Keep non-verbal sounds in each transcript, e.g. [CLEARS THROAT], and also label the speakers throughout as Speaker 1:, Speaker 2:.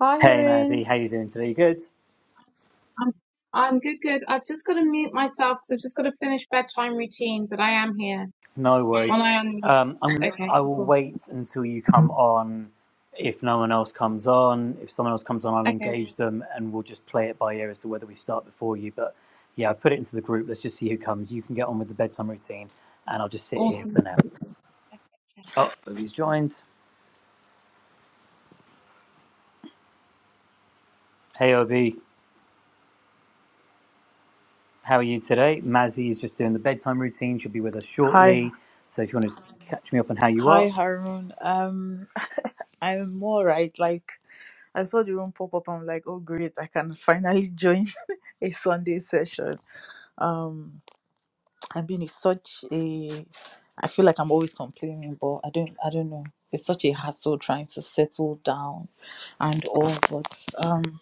Speaker 1: Hi,
Speaker 2: Hey
Speaker 1: Haroon.
Speaker 2: Mazzy, how you doing today? Good.
Speaker 1: I'm I'm good, good. I've just got to mute myself because I've just got to finish bedtime routine, but I am here.
Speaker 2: No worries.
Speaker 1: When I am,
Speaker 2: Um, I'm gonna.
Speaker 1: okay,
Speaker 2: I will
Speaker 1: cool.
Speaker 2: wait until you come on. If no one else comes on, if someone else comes on, I'll
Speaker 1: Okay,
Speaker 2: engage them, and we'll just play it by ear as to whether we start before you. But yeah, i put it into the group. Let's just see who comes. You can get on with the bedtime routine, and I'll just sit here
Speaker 1: awesome.
Speaker 2: for now. Oh, Obi's joined. Hey Obi, how are you today? Mazzy is just doing the bedtime routine. She'll be with us
Speaker 3: Hi,
Speaker 2: shortly. So if you want to catch me up on how you
Speaker 3: hi,
Speaker 2: are,
Speaker 3: Harun. Um, I'm all right. Like, I saw the room pop up. I'm like, oh, great! I can finally join [LAUGHS] a Sunday session. Um, I've been in such a. I feel like I'm always complaining, but I don't. I don't know. It's such a hassle trying to settle down, and all. But um,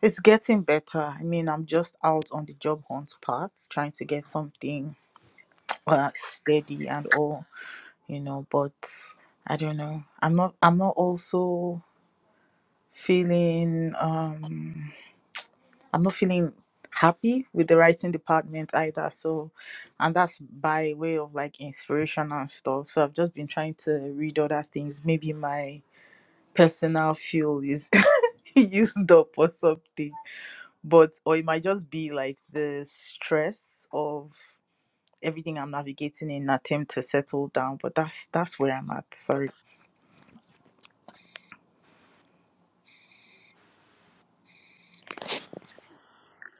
Speaker 3: it's getting better. I mean, I'm just out on the job hunt part, trying to get something uh, steady and all. you know but i don't know i'm not i'm not also feeling um i'm not feeling happy with the writing department either so and that's by way of like inspiration and stuff so i've just been trying to read other things maybe my personal fuel is [LAUGHS] used up or something but or it might just be like the stress of everything i'm navigating in an attempt to settle down but that's that's where i'm at sorry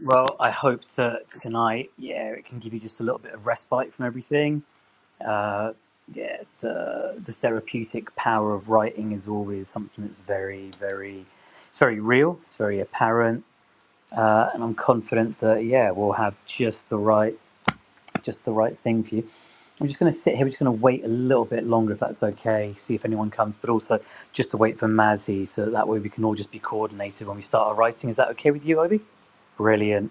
Speaker 2: Well, I hope that tonight, yeah, it can give you just a little bit of respite from everything. Uh, yeah, the the therapeutic power of writing is always something that's very, very, it's very real. It's very apparent, uh, and I'm confident that yeah, we'll have just the right, just the right thing for you. I'm just going to sit here. We're just going to wait a little bit longer, if that's okay. See if anyone comes, but also just to wait for Mazzy, so that way we can all just be coordinated when we start our writing. Is that okay with you, Obi? Brilliant.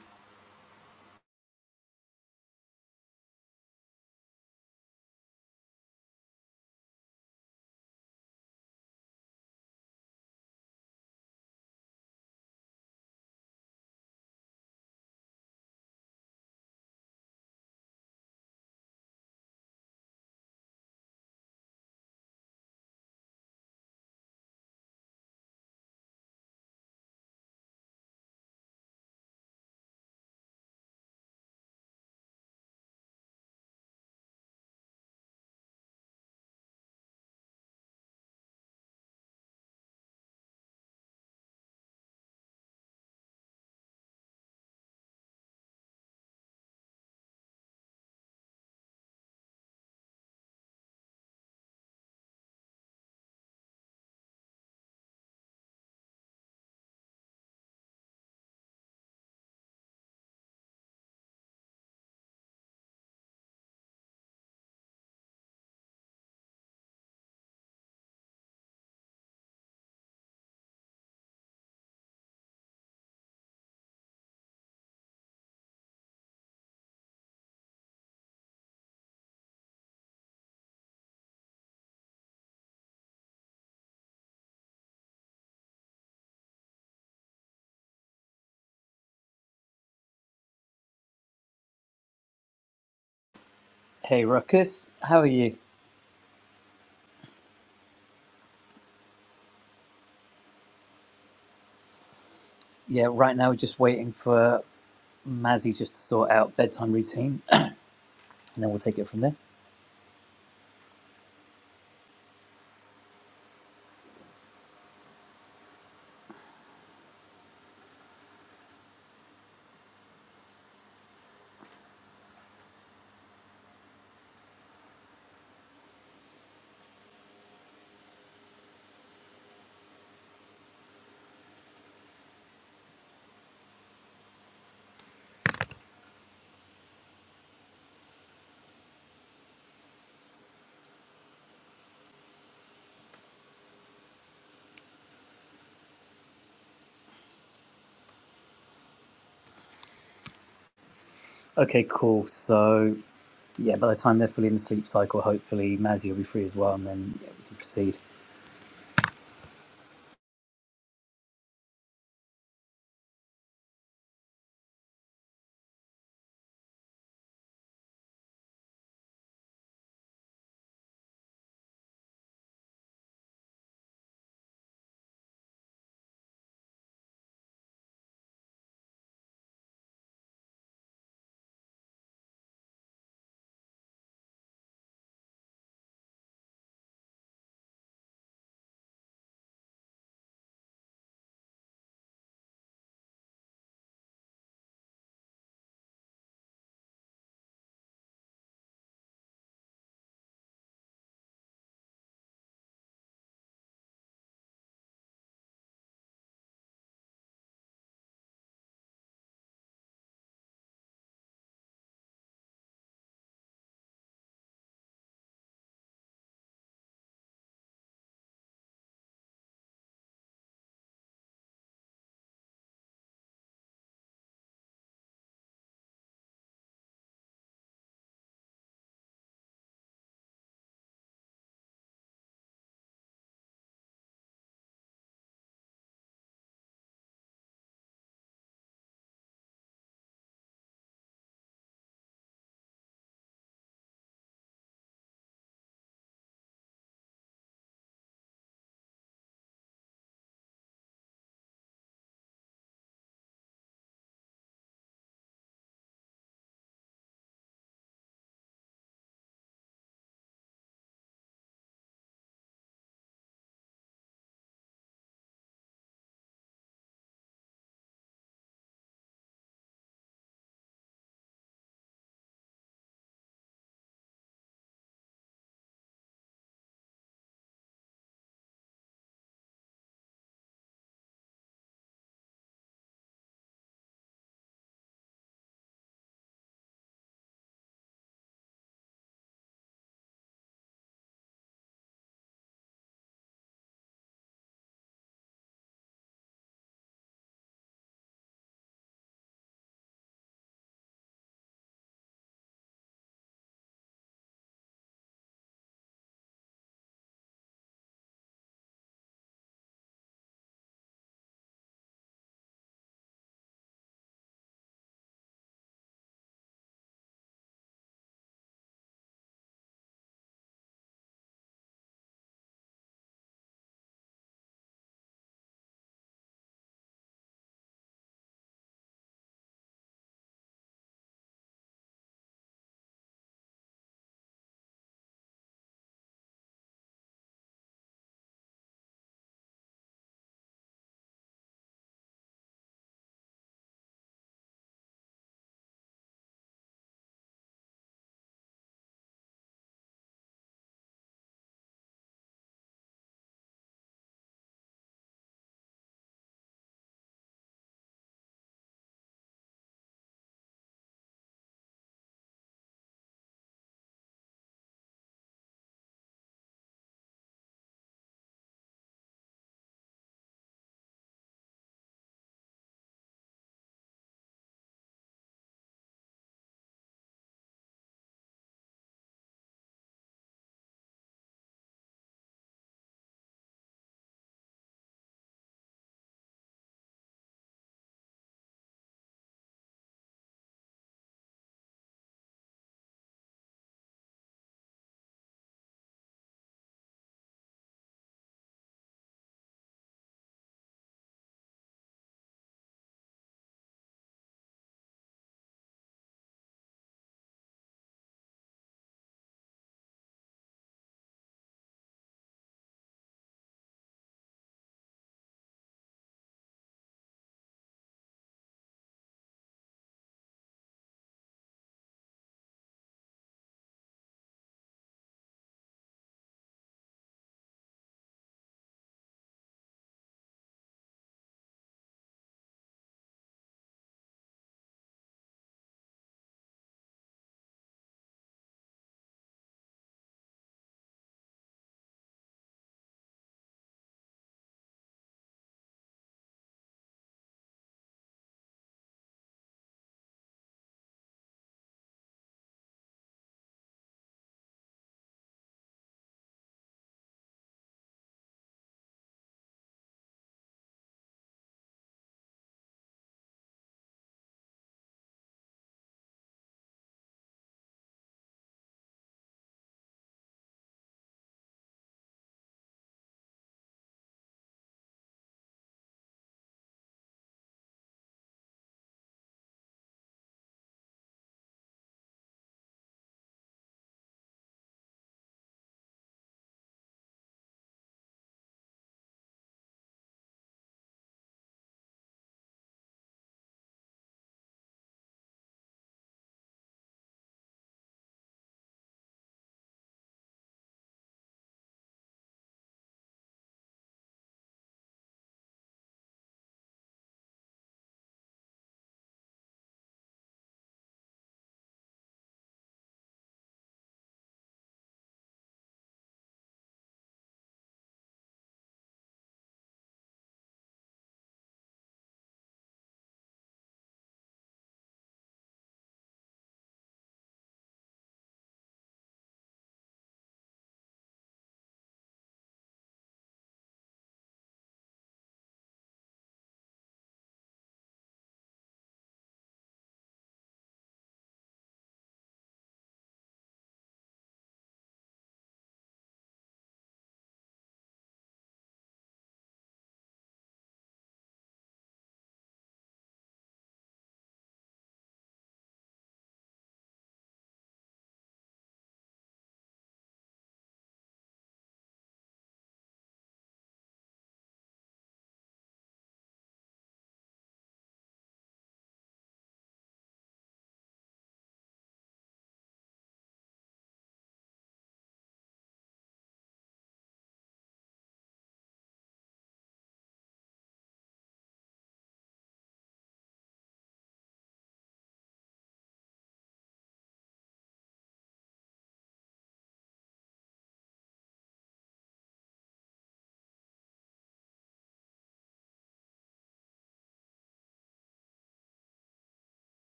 Speaker 2: Hey Ruckus, how are you? Yeah, right now we're just waiting for Mazzy just to sort out bedtime routine [CLEARS THROAT] and then we'll take it from there. Okay, cool. So, yeah, by the time they're fully in the sleep cycle, hopefully Mazzy will be free as well and then yeah, we can proceed.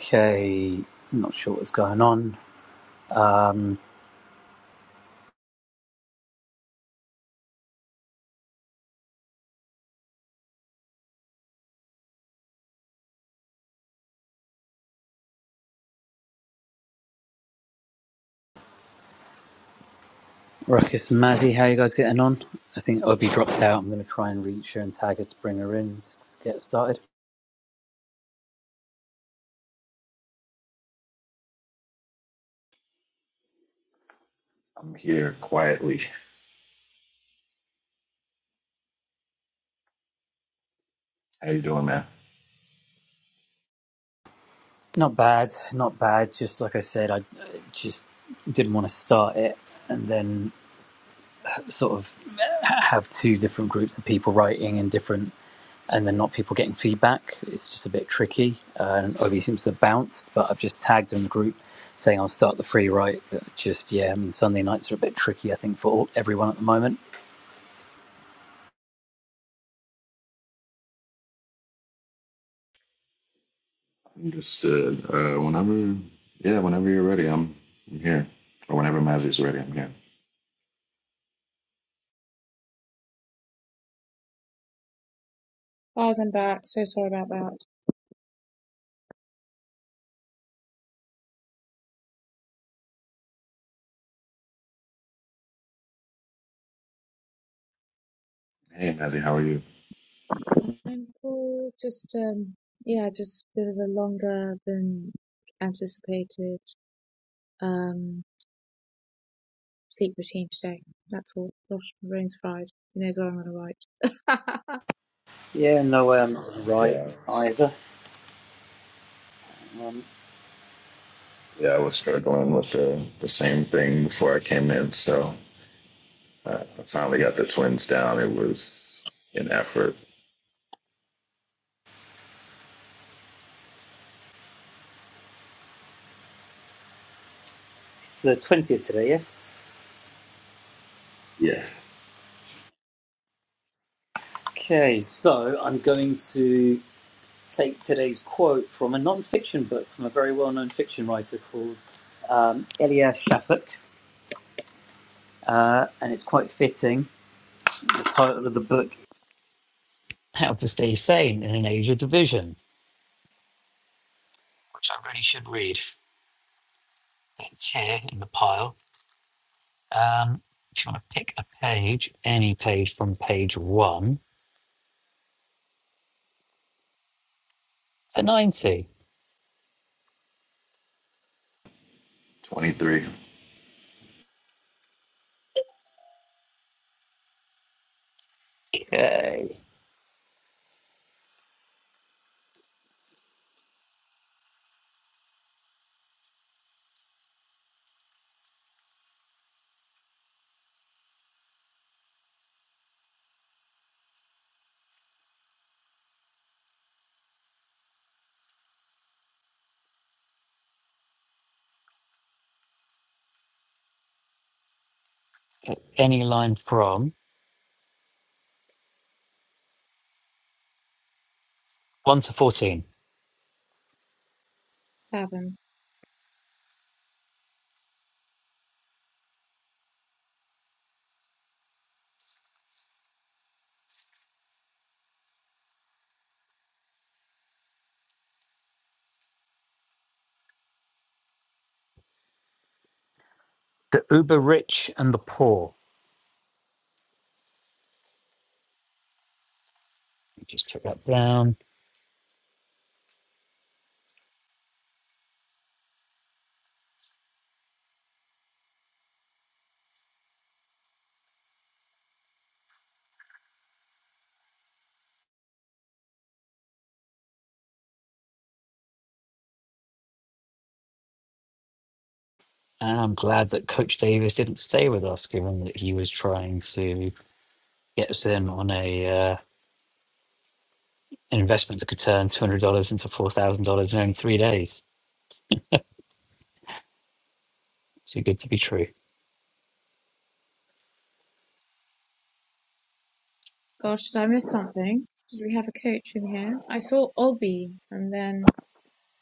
Speaker 2: Okay, I'm not sure what's going on. Um, Ruckus and Mazzy, how you guys getting on? I think Obi dropped out. I'm going to try and reach her and tag her to bring her in. Let's let's get started.
Speaker 4: I'm here quietly. How you doing, man?
Speaker 2: Not bad, not bad. Just like I said, I uh, just didn't want to start it and then sort of have two different groups of people writing and different and then not people getting feedback. It's just a bit tricky. Uh, and Obi seems to have bounced, but I've just tagged in the group saying I'll start the free write. But just, yeah, I mean, Sunday nights are a bit tricky, I think, for all, everyone at the moment.
Speaker 4: Understood. Uh, whenever, yeah, whenever you're ready, I'm, I'm here. Or whenever Mazzy's ready, I'm here.
Speaker 1: Bars and back. So sorry about that.
Speaker 4: Hey, Mazzy, how are you?
Speaker 1: I'm cool. Just um, yeah, just a bit of a longer than anticipated um sleep routine today. That's all. Gosh, my brain's fried. Who knows what I'm gonna write?
Speaker 2: Yeah, no way I'm not going to write
Speaker 4: Yeah, I was,
Speaker 2: either. Um,
Speaker 4: yeah, I was struggling with the, the same thing before I came in, so uh, I finally got the twins down. It was an effort.
Speaker 2: it's the 20th today, yes?
Speaker 4: Yes.
Speaker 2: Okay, so I'm going to take today's quote from a non fiction book from a very well known fiction writer called um, Elia Shafak. uh, and it's quite fitting. The title of the book, How to Stay Sane in an Age of Division, which I really should read. It's here in the pile. Um, if you want to pick a page, any page from page one to 90.
Speaker 4: 23.
Speaker 2: Okay. Any line from 1 to 14.
Speaker 1: [LAUGHS] Seven.
Speaker 2: The uber rich and the poor. Just took that down. And I'm glad that Coach Davis didn't stay with us, given that he was trying to get us in on a uh, an investment that could turn $200 into $4,000 in only three days. Too good to be true.
Speaker 1: Gosh, did I miss something? Did we have a coach in here? I saw Olby and then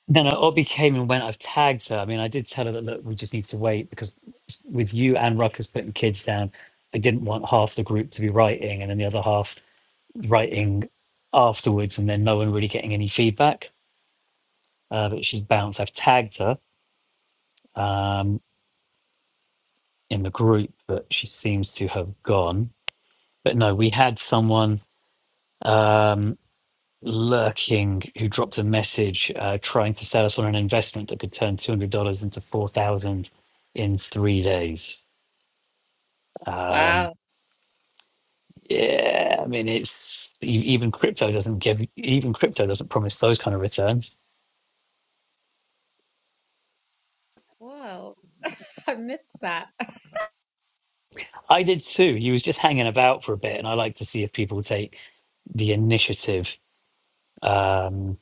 Speaker 2: Then uh, Obi came and went. I've tagged her. I mean, I did tell her that, look, we just need to wait because s- with you and Ruckus putting kids down, I didn't want half the group to be writing and then the other half writing afterwards and then no one really getting any feedback. Uh, but she's bounced. I've tagged her um, in the group, but she seems to have gone. But no, we had someone. Um, lurking who dropped a message uh, trying to sell us on an investment that could turn two hundred dollars into four thousand in three days. Um,
Speaker 1: wow,
Speaker 2: yeah, I mean it's e- even crypto doesn't give even crypto doesn't promise those kind of returns.
Speaker 1: it's wild. [LAUGHS] I missed that. [LAUGHS]
Speaker 2: I did too. He was just hanging about for a bit, and I like to see if people take the initiative. Um,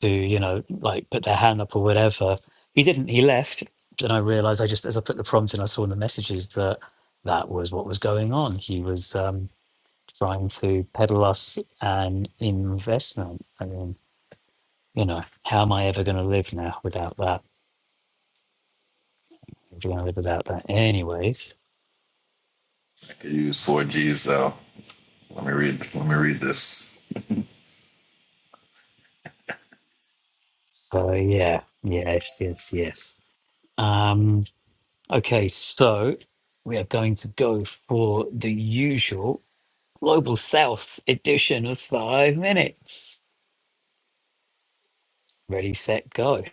Speaker 2: to you know like put their hand up or whatever he didn't he left then i realized i just as i put the prompt in i saw in the messages that that was what was going on he was um trying to peddle us an investment i mean you know how am i ever going to live now without that if you're going to live without that anyways
Speaker 4: I could use four G's though. Let me read. Let me read this.
Speaker 2: so yeah yes yes yes um okay so we are going to go for the usual Global South edition of Five Minutes. Ready, set, go.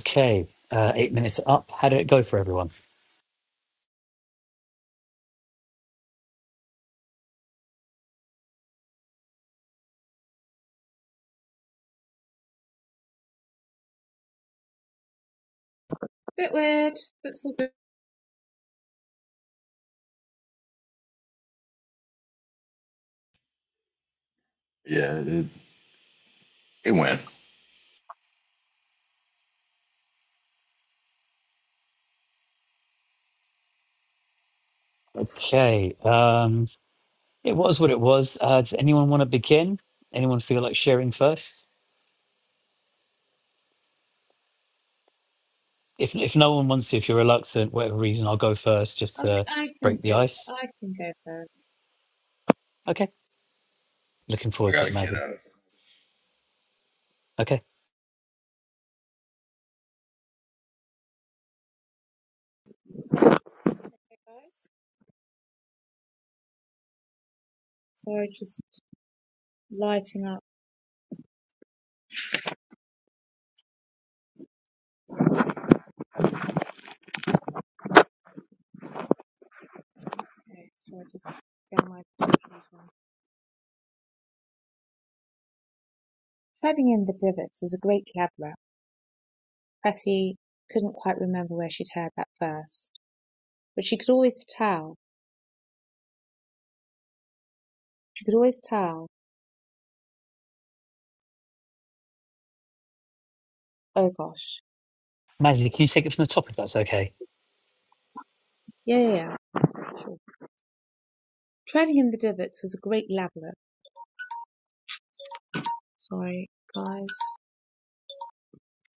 Speaker 2: Okay, uh, eight minutes up. How did it go for everyone?
Speaker 1: Bit weird, but it's all good.
Speaker 4: Yeah, it, it went.
Speaker 2: Okay, um, it was what it was. Uh, does anyone want to begin? Anyone feel like sharing first? If if no one wants to, if you're reluctant, whatever reason, I'll go first just
Speaker 1: I,
Speaker 2: to
Speaker 1: I can
Speaker 2: break the
Speaker 1: go.
Speaker 2: ice.
Speaker 1: I can go first.
Speaker 2: Okay, looking
Speaker 4: I
Speaker 2: forward to
Speaker 4: got a
Speaker 2: it,
Speaker 4: kid
Speaker 2: Mazzy.
Speaker 4: out of it.
Speaker 2: Okay,
Speaker 1: Okay, guys. So I just lighting up. Okay, so I just get my as well. Treading in the Divots was a great cab rap. Betty couldn't quite remember where she'd heard that first, but she could always tell. She could always tell. Oh gosh.
Speaker 2: Mazzy, can you take it from the top if that's okay?
Speaker 1: Yeah, yeah, yeah. Sure. Treading in the divots was a great labyrinth. Sorry, guys.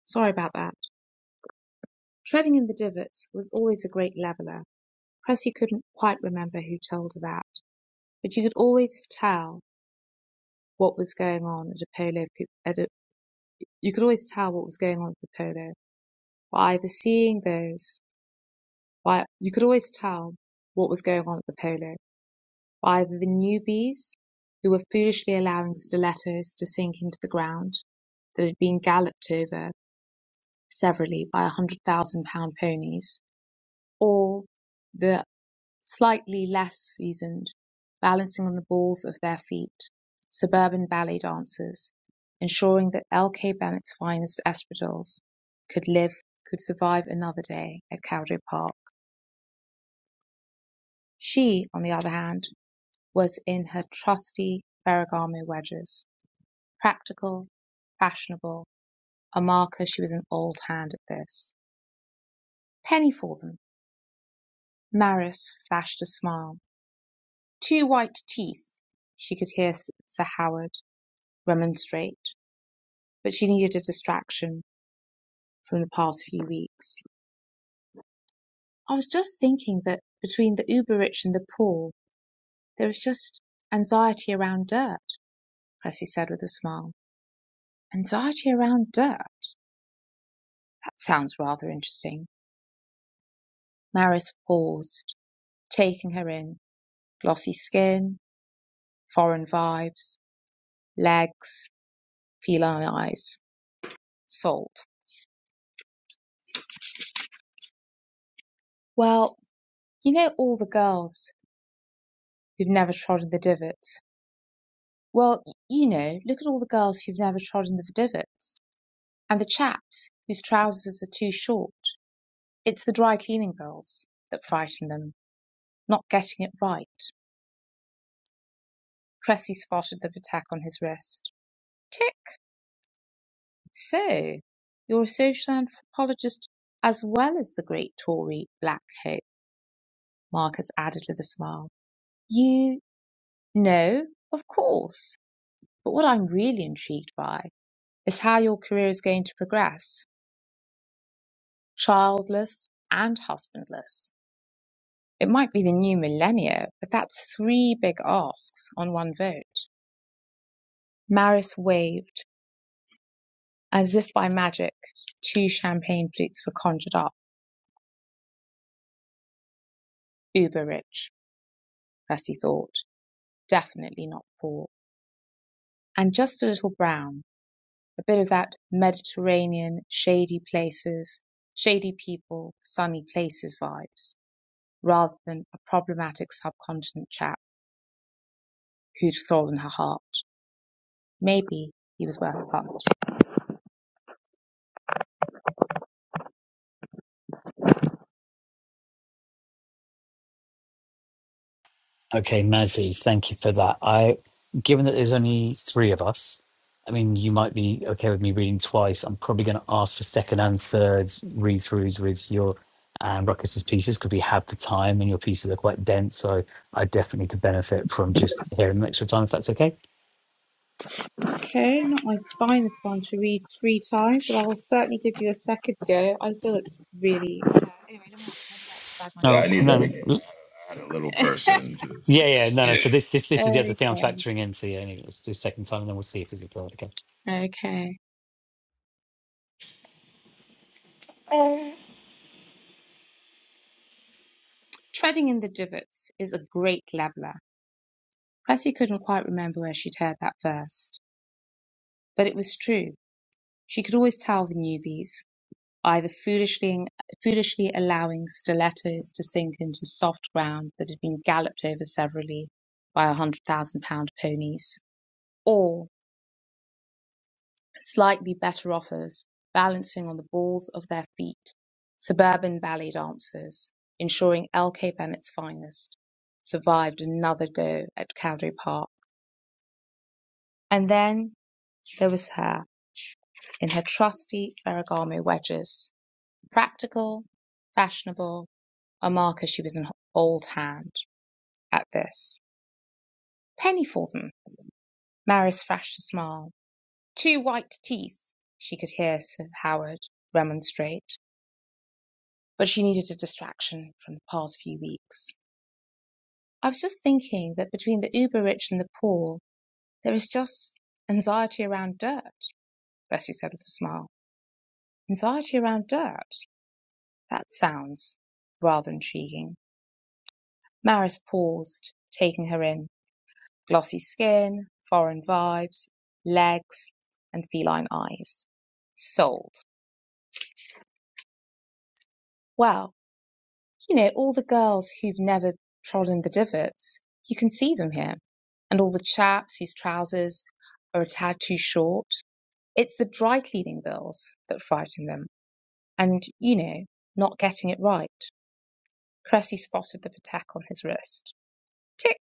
Speaker 1: Sorry about that. Treading in the divots was always a great labyrinth. Cressy couldn't quite remember who told her that, but you could always tell what was going on at a polo. At a, you could always tell what was going on at the polo by either seeing those. By you could always tell what was going on at the polo by either the newbies who were foolishly allowing stilettos to sink into the ground that had been galloped over severally by 100,000 pound ponies, or the slightly less seasoned, balancing on the balls of their feet, suburban ballet dancers, ensuring that L.K. Bennett's finest espadrilles could live, could survive another day at Cowdery Park. She, on the other hand, was in her trusty Ferragamo wedges, practical, fashionable, a marker she was an old hand at this. Penny for them Maris flashed a smile. Two white teeth!" She could hear Sir Howard remonstrate, but she needed a distraction from the past few weeks. "I was just thinking that between the uber rich and the poor there is just anxiety around dirt," Cressy said with a smile. "Anxiety around dirt? That sounds rather interesting." Maris paused, taking her in. Glossy skin, foreign vibes, legs, feline eyes. salt. Well, you know all the girls who've never trodden the divots. Well, y- you know, look at all the girls who've never trodden the divots and the chaps whose trousers are too short. It's the dry cleaning girls that frighten them, not getting it right. Cressy spotted the attack on his wrist. Tick. So, you're a social anthropologist as well as the great Tory Black Hope, Marcus added with a smile. You know, of course. But what I'm really intrigued by is how your career is going to progress. Childless and husbandless. It might be the new millennia, but that's three big asks on one vote. Maris waved. As if by magic, two champagne flutes were conjured up. Uber rich, Percy thought. Definitely not poor. And just a little brown. A bit of that Mediterranean, shady places, shady people, sunny places vibes, rather than a problematic subcontinent chat. who'd stolen her heart. Maybe he was worth a punt.
Speaker 2: Okay, Mazzy, thank you for that. I, given that there's only three of us, I mean, you might be okay with me reading twice. I'm probably going to ask for second and third read throughs with your and Ruckus's pieces because we have the time and your pieces are quite dense. So I definitely could benefit from just hearing them extra time if that's okay.
Speaker 1: Okay, not my finest one to read three times, but I'll certainly give you a second go. I feel it's really. Yeah, anyway, let me not, let me not slag
Speaker 4: Yeah, I
Speaker 1: myself
Speaker 2: No,
Speaker 4: need
Speaker 1: off.
Speaker 4: that
Speaker 2: no,
Speaker 4: again.
Speaker 2: no.
Speaker 4: add a little
Speaker 1: [LAUGHS]
Speaker 4: person just
Speaker 2: Yeah, yeah, no, no.
Speaker 4: Yeah,
Speaker 2: So this, this, this is the other thing I'm
Speaker 1: Okay.
Speaker 2: factoring into. Yeah, anyway, let's do second time and then we'll see if there's a third. Okay.
Speaker 1: Okay. Treading in the Divots is a great leveller. Bessie couldn't quite remember where she'd heard that first, but it was true. She could always tell the newbies. either foolishly, foolishly allowing stilettos to sink into soft ground that had been galloped over severally by a hundred thousand pound ponies, or slightly better offers, balancing on the balls of their feet, suburban ballet dancers, ensuring L. K. Bennett's finest survived another go at Cowdery Park. And then there was her, in her trusty Ferragamo wedges Practical, fashionable, a marker. she was an old hand at this. Penny for them. Maris flashed a smile. Two white teeth. She could hear Sir Howard remonstrate, but she needed a distraction from the past few weeks. I was just thinking that between the uber rich and the poor, there is just anxiety around dirt, Bessie said with a smile. Anxiety around dirt? That sounds rather intriguing. Maris paused, taking her in. glossy skin, foreign vibes, legs, and feline eyes. Sold. Well, you know, all the girls who've never trodden the divots, you can see them here. And all the chaps whose trousers are a tad too short. It's the dry cleaning bills that frighten them. And, you know, not getting it right. Cressy spotted the patek on his wrist. Tick.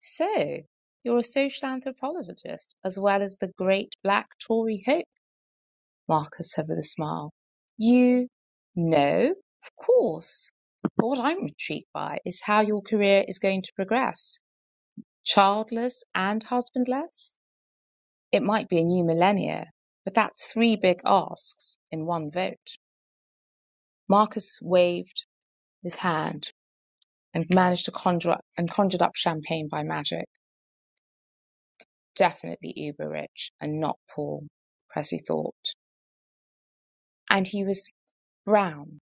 Speaker 1: So, you're a social anthropologist as well as the great black Tory hope. Martha said with a smile. You know, of course. But what I'm intrigued by is how your career is going to progress. Childless and husbandless? It might be a new millennia, but that's three big asks in one vote. Marcus waved his hand and managed to conjure up, and conjured up champagne by magic. Definitely uber rich and not poor, Cressy thought. and he was brown,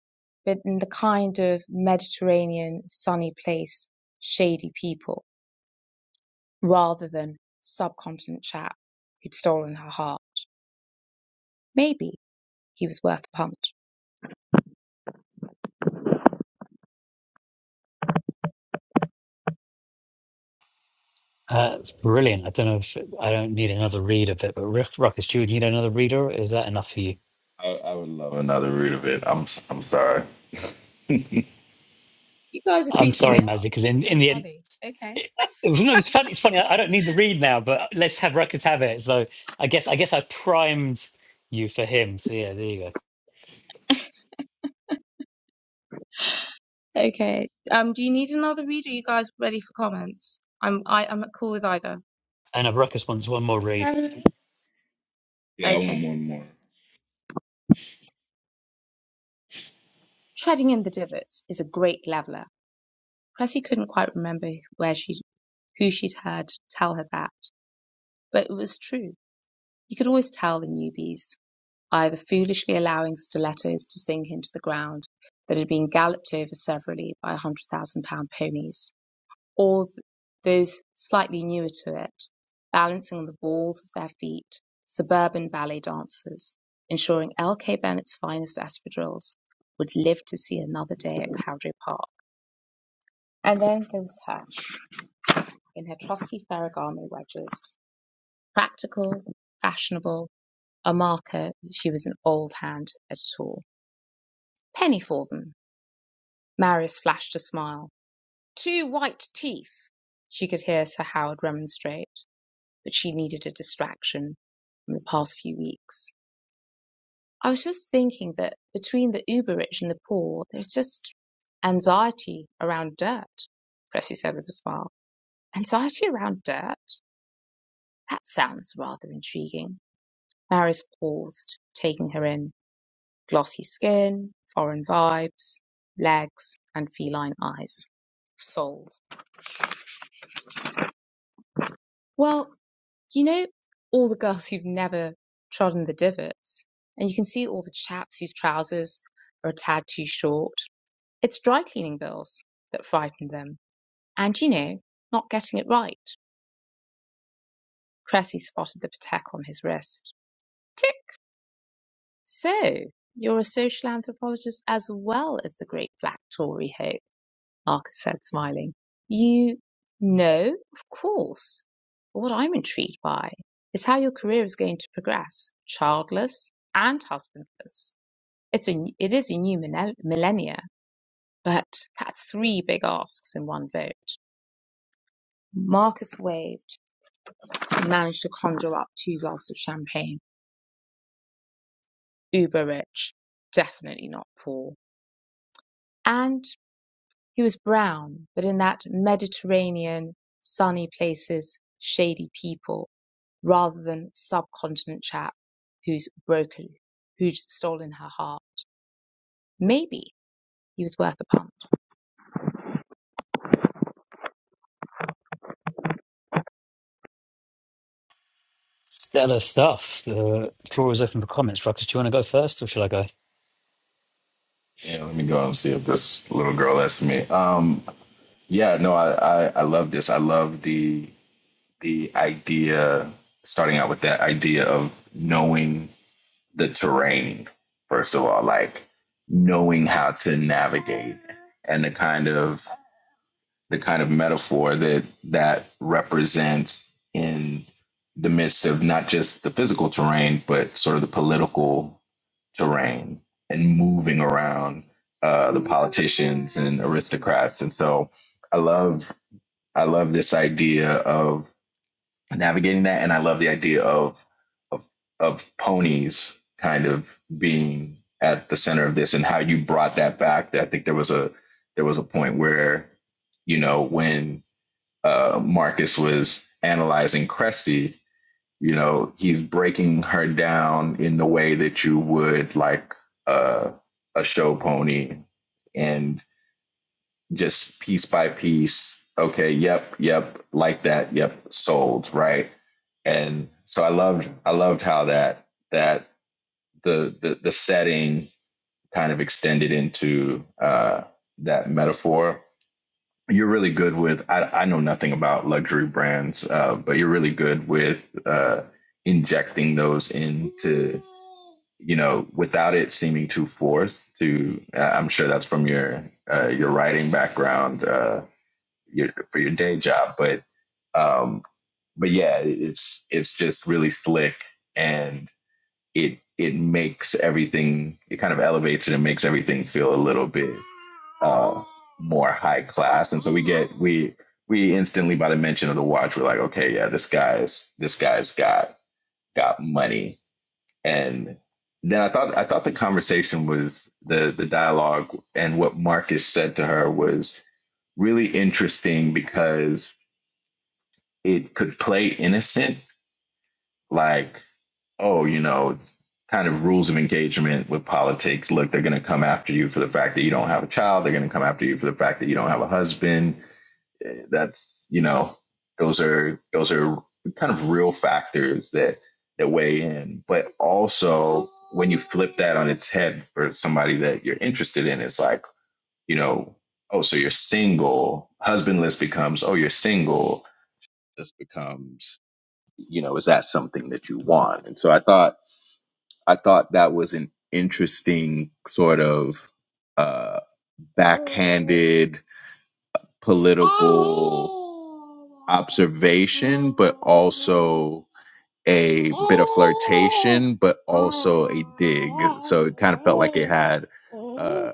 Speaker 1: but in the kind of Mediterranean, sunny place, shady people, rather than subcontinent chap who'd stolen her heart. Maybe he was worth a punt.
Speaker 2: Uh, it's brilliant. I don't know if I don't need another read of it, but Rick, Ruckus, do you need another reader? Or Is that enough for you?
Speaker 4: I, I would love another root of it. I'm i I'm sorry.
Speaker 1: You guys are
Speaker 2: I'm
Speaker 1: creasing me
Speaker 2: sorry,
Speaker 1: up.
Speaker 2: Mazzy, because
Speaker 1: This is
Speaker 2: in,
Speaker 1: so
Speaker 2: in the end,
Speaker 1: funny. Okay.
Speaker 2: it, uh, it was- no, it's funny. It's funny. I, I don't need the read now, but let's have Ruckus have it. So I guess I guess I primed you for him. So yeah, there you go.
Speaker 1: Okay. Um, do you need another read? Are you guys ready for comments? I'm I, I'm cool with either.
Speaker 2: And if Ruckus wants one more read,
Speaker 4: Yeah, I
Speaker 1: Okay.
Speaker 4: want one more.
Speaker 1: Treading in the divots is a great leveler. Cressy couldn't quite remember where she who she'd heard tell her that, but it was true. You could always tell the newbies, either foolishly allowing stilettos to sink into the ground that had been galloped over severally by one hundred thousand pound ponies, or th- those slightly newer to it, balancing on the balls of their feet, suburban ballet dancers, ensuring L.K. Bennett's finest espadrilles would live to see another day at Cowdray Park. And then there was her, in her trusty Ferragamo wedges Practical, fashionable, a marker that she was an old hand at it all. Penny for them. Marius flashed a smile. Two white teeth. She could hear Sir Howard remonstrate, but she needed a distraction from the past few weeks. I was just thinking that between the uber rich and the poor, there's just anxiety around dirt, Cressy said with a smile. Anxiety around dirt? That sounds rather intriguing. Marius paused, taking her in. glossy skin, foreign vibes, legs, and feline eyes. Sold. Well, you know all the girls who've never trodden the divots, and you can see all the chaps whose trousers are a tad too short. It's dry cleaning bills that frighten them, and you know, not getting it right. Cressy spotted the patek on his wrist. Tick! So, you're a social anthropologist as well as the great black Tory hoe Arthur said, smiling. You know, of course. But what I'm intrigued by is how your career is going to progress, childless and husbandless. It's a, it is a new millen- millennia, but that's three big asks in one vote. Marcus waved and managed to conjure up two glasses of champagne. Uber rich, definitely not poor. And he was brown, but in that Mediterranean, sunny places, shady people rather than subcontinent chap who's broken, who's stolen her heart. Maybe he was worth a punt.
Speaker 2: stellar stuff. The floor is open for comments. Ruckus, do you want to go first, or shall I go?
Speaker 4: Yeah, let me go and see if this little girl has for me. Um, yeah, no, I, I I love this. I love the the idea. Starting out with that idea of knowing the terrain first of all, like knowing how to navigate and the kind of the kind of metaphor that that represents in the midst of not just the physical terrain, but sort of the political terrain and moving around uh, the politicians and aristocrats. And so I love I love this idea of navigating that, and I love the idea of of of ponies kind of being at the center of this and how you brought that back. I think there was a there was a point where you know when uh, Marcus was analyzing Cresty, you know, he's breaking her down in the way that you would like uh, a show pony and just piece by piece. Okay, yep, yep, like that, yep, sold, right? And so I loved, I loved how that that the the, the setting kind of extended into uh, that metaphor you're really good with I, I know nothing about luxury brands uh, but you're really good with uh, injecting those into you know without it seeming too forced to uh, i'm sure that's from your uh, your writing background uh, your, for your day job but um, but yeah it's it's just really slick and it it makes everything it kind of elevates it and makes everything feel a little bit uh, more high class, and so we get we we instantly by the mention of the watch, we're like, okay, yeah, this guy's this guy's got got money, and then I thought I thought the conversation was the the dialogue and what Marcus said to her was really interesting because it could play innocent, like oh, you know, kind of rules of engagement with politics. Look, they're going to come after you for the fact that you don't have a child. They're going to come after you for the fact that you don't have a husband. eh, that's you know those are those are kind of real factors that that weigh in but also when you flip that on its head for somebody that you're interested in it's like you know oh so you're single husbandless becomes oh you're single this becomes you know is that something that you want and so i thought i thought that was an interesting sort of uh backhanded political observation, but also a bit of flirtation, but also a dig. So it kind of felt like it had uh,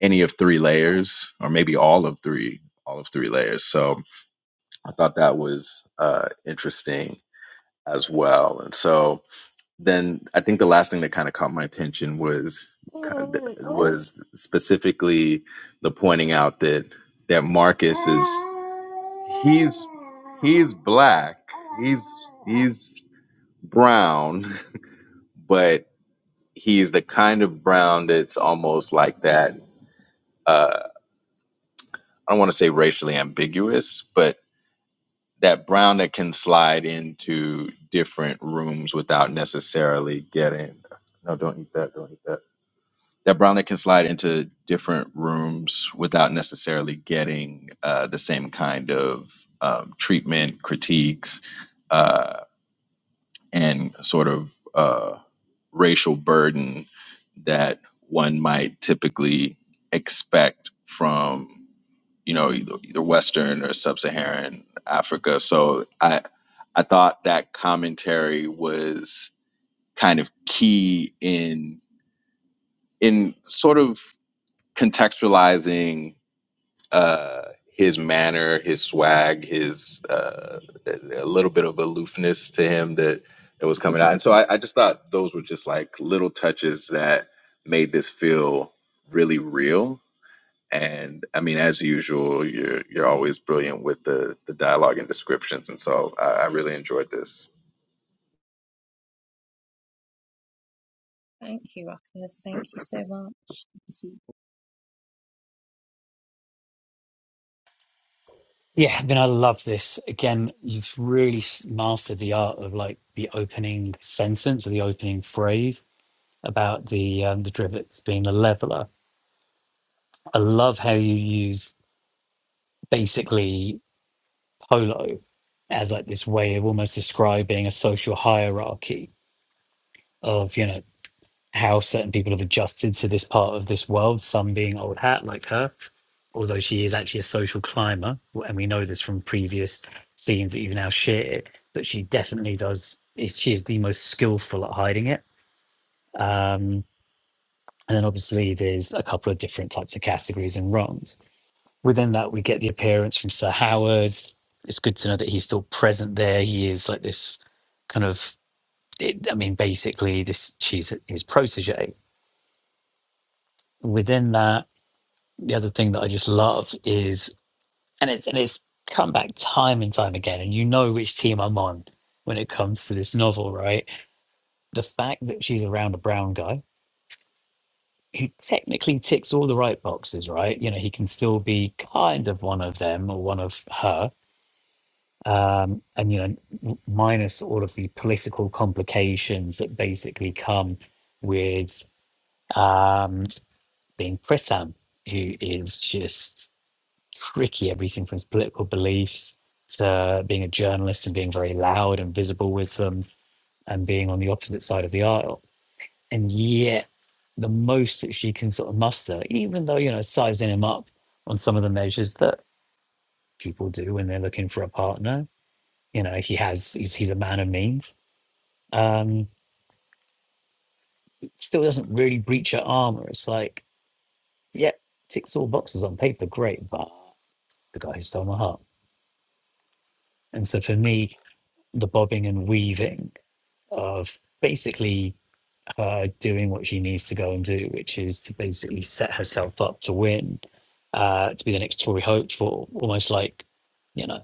Speaker 4: any of three layers, or maybe all of three, all of three layers. So I thought that was uh, interesting as well. And so then I think the last thing that kind of caught my attention was was specifically the pointing out that that Marcus is he's he's black, he's he's brown, but he's the kind of brown that's almost like that. Uh, I don't want to say racially ambiguous, but that brown that can slide into different rooms without necessarily getting. No, don't eat that. Don't eat that that Brownlee can slide into different rooms without necessarily getting uh, the same kind of um, treatment, critiques, uh, and sort of uh, racial burden that one might typically expect from you know either, either Western or Sub-Saharan Africa. So I I thought that commentary was kind of key in in sort of contextualizing uh, his manner, his swag, his uh, a little bit of aloofness to him that that was coming out. And so I, I just thought those were just like little touches that made this feel really real. And I mean, as usual, you're you're always brilliant with the the dialogue and descriptions, and so I, I really enjoyed this.
Speaker 1: Thank you, Ruckus. Thank you so much. Thank you.
Speaker 2: Yeah, I mean, I love this. Again, you've really s- mastered the art of like the opening sentence or the opening phrase about the um, the Drivets being a leveler. I love how you use basically polo as like this way of almost describing a social hierarchy of you know how certain people have adjusted to this part of this world. Some being old hat like her, although she is actually a social climber, and we know this from previous scenes that you've now shared. But she definitely does. She is the most skillful at hiding it. Um, and then obviously there's a couple of different types of categories and rungs Within that, we get the appearance from Sir Howard. It's good to know that he's still present there. He is like this kind of, it, I mean, basically, this she's his protege. Within that, the other thing that I just love is, and it's and it's come back time and time again, and you know which team I'm on when it comes to this novel, right? The fact that she's around a brown guy who technically ticks all the right boxes, right? You know, he can still be kind of one of them or one of her um, and you know, minus all of the political complications that basically come with um, being Pritam, who is just tricky, everything from his political beliefs to being a journalist and being very loud and visible with them and being on the opposite side of the aisle. And yet, the most that she can sort of muster, even though, you know, sizing him up on some of the measures that people do when they're looking for a partner, you know, he has, he's, he's a man of means Um, it still doesn't really breach her armor. It's like, yeah, ticks all boxes on paper, great, but the guy who stole my heart. And so for me, the bobbing and weaving of basically her doing what she needs to go and do, which is to basically set herself up to win, uh, to be the next Tory hopeful, almost like, you know,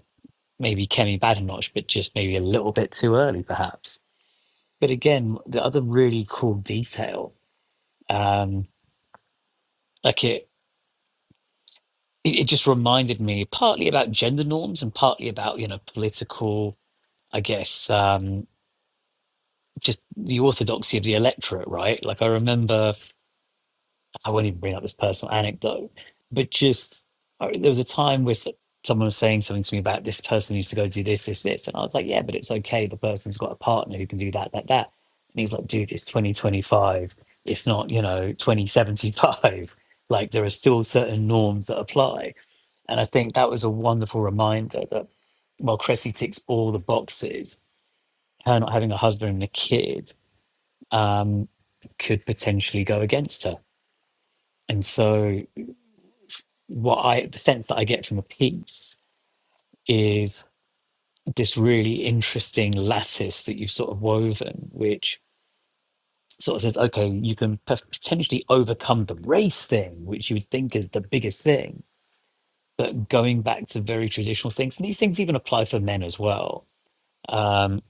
Speaker 2: maybe Kemi Badenoch, but just maybe a little bit too early, perhaps. But again, the other really cool detail, um, like it it, it just reminded me partly about gender norms and partly about you know political i guess um just the orthodoxy of the electorate right like i remember i won't even bring up this personal anecdote but just I, there was a time where s- someone was saying something to me about this person used to go do this this this and i was like yeah but it's okay the person's got a partner who can do that that that and he's like dude it's 2025 it's not you know 2075 [LAUGHS] like there are still certain norms that apply and I think that was a wonderful reminder that while Cressy ticks all the boxes, her not having a husband and a kid um, could potentially go against her. And so, what I the sense that I get from the piece is this really interesting lattice that you've sort of woven, which sort of says, okay, you can p- potentially overcome the race thing, which you would think is the biggest thing, but going back to very traditional things, and these things even apply for men as well um,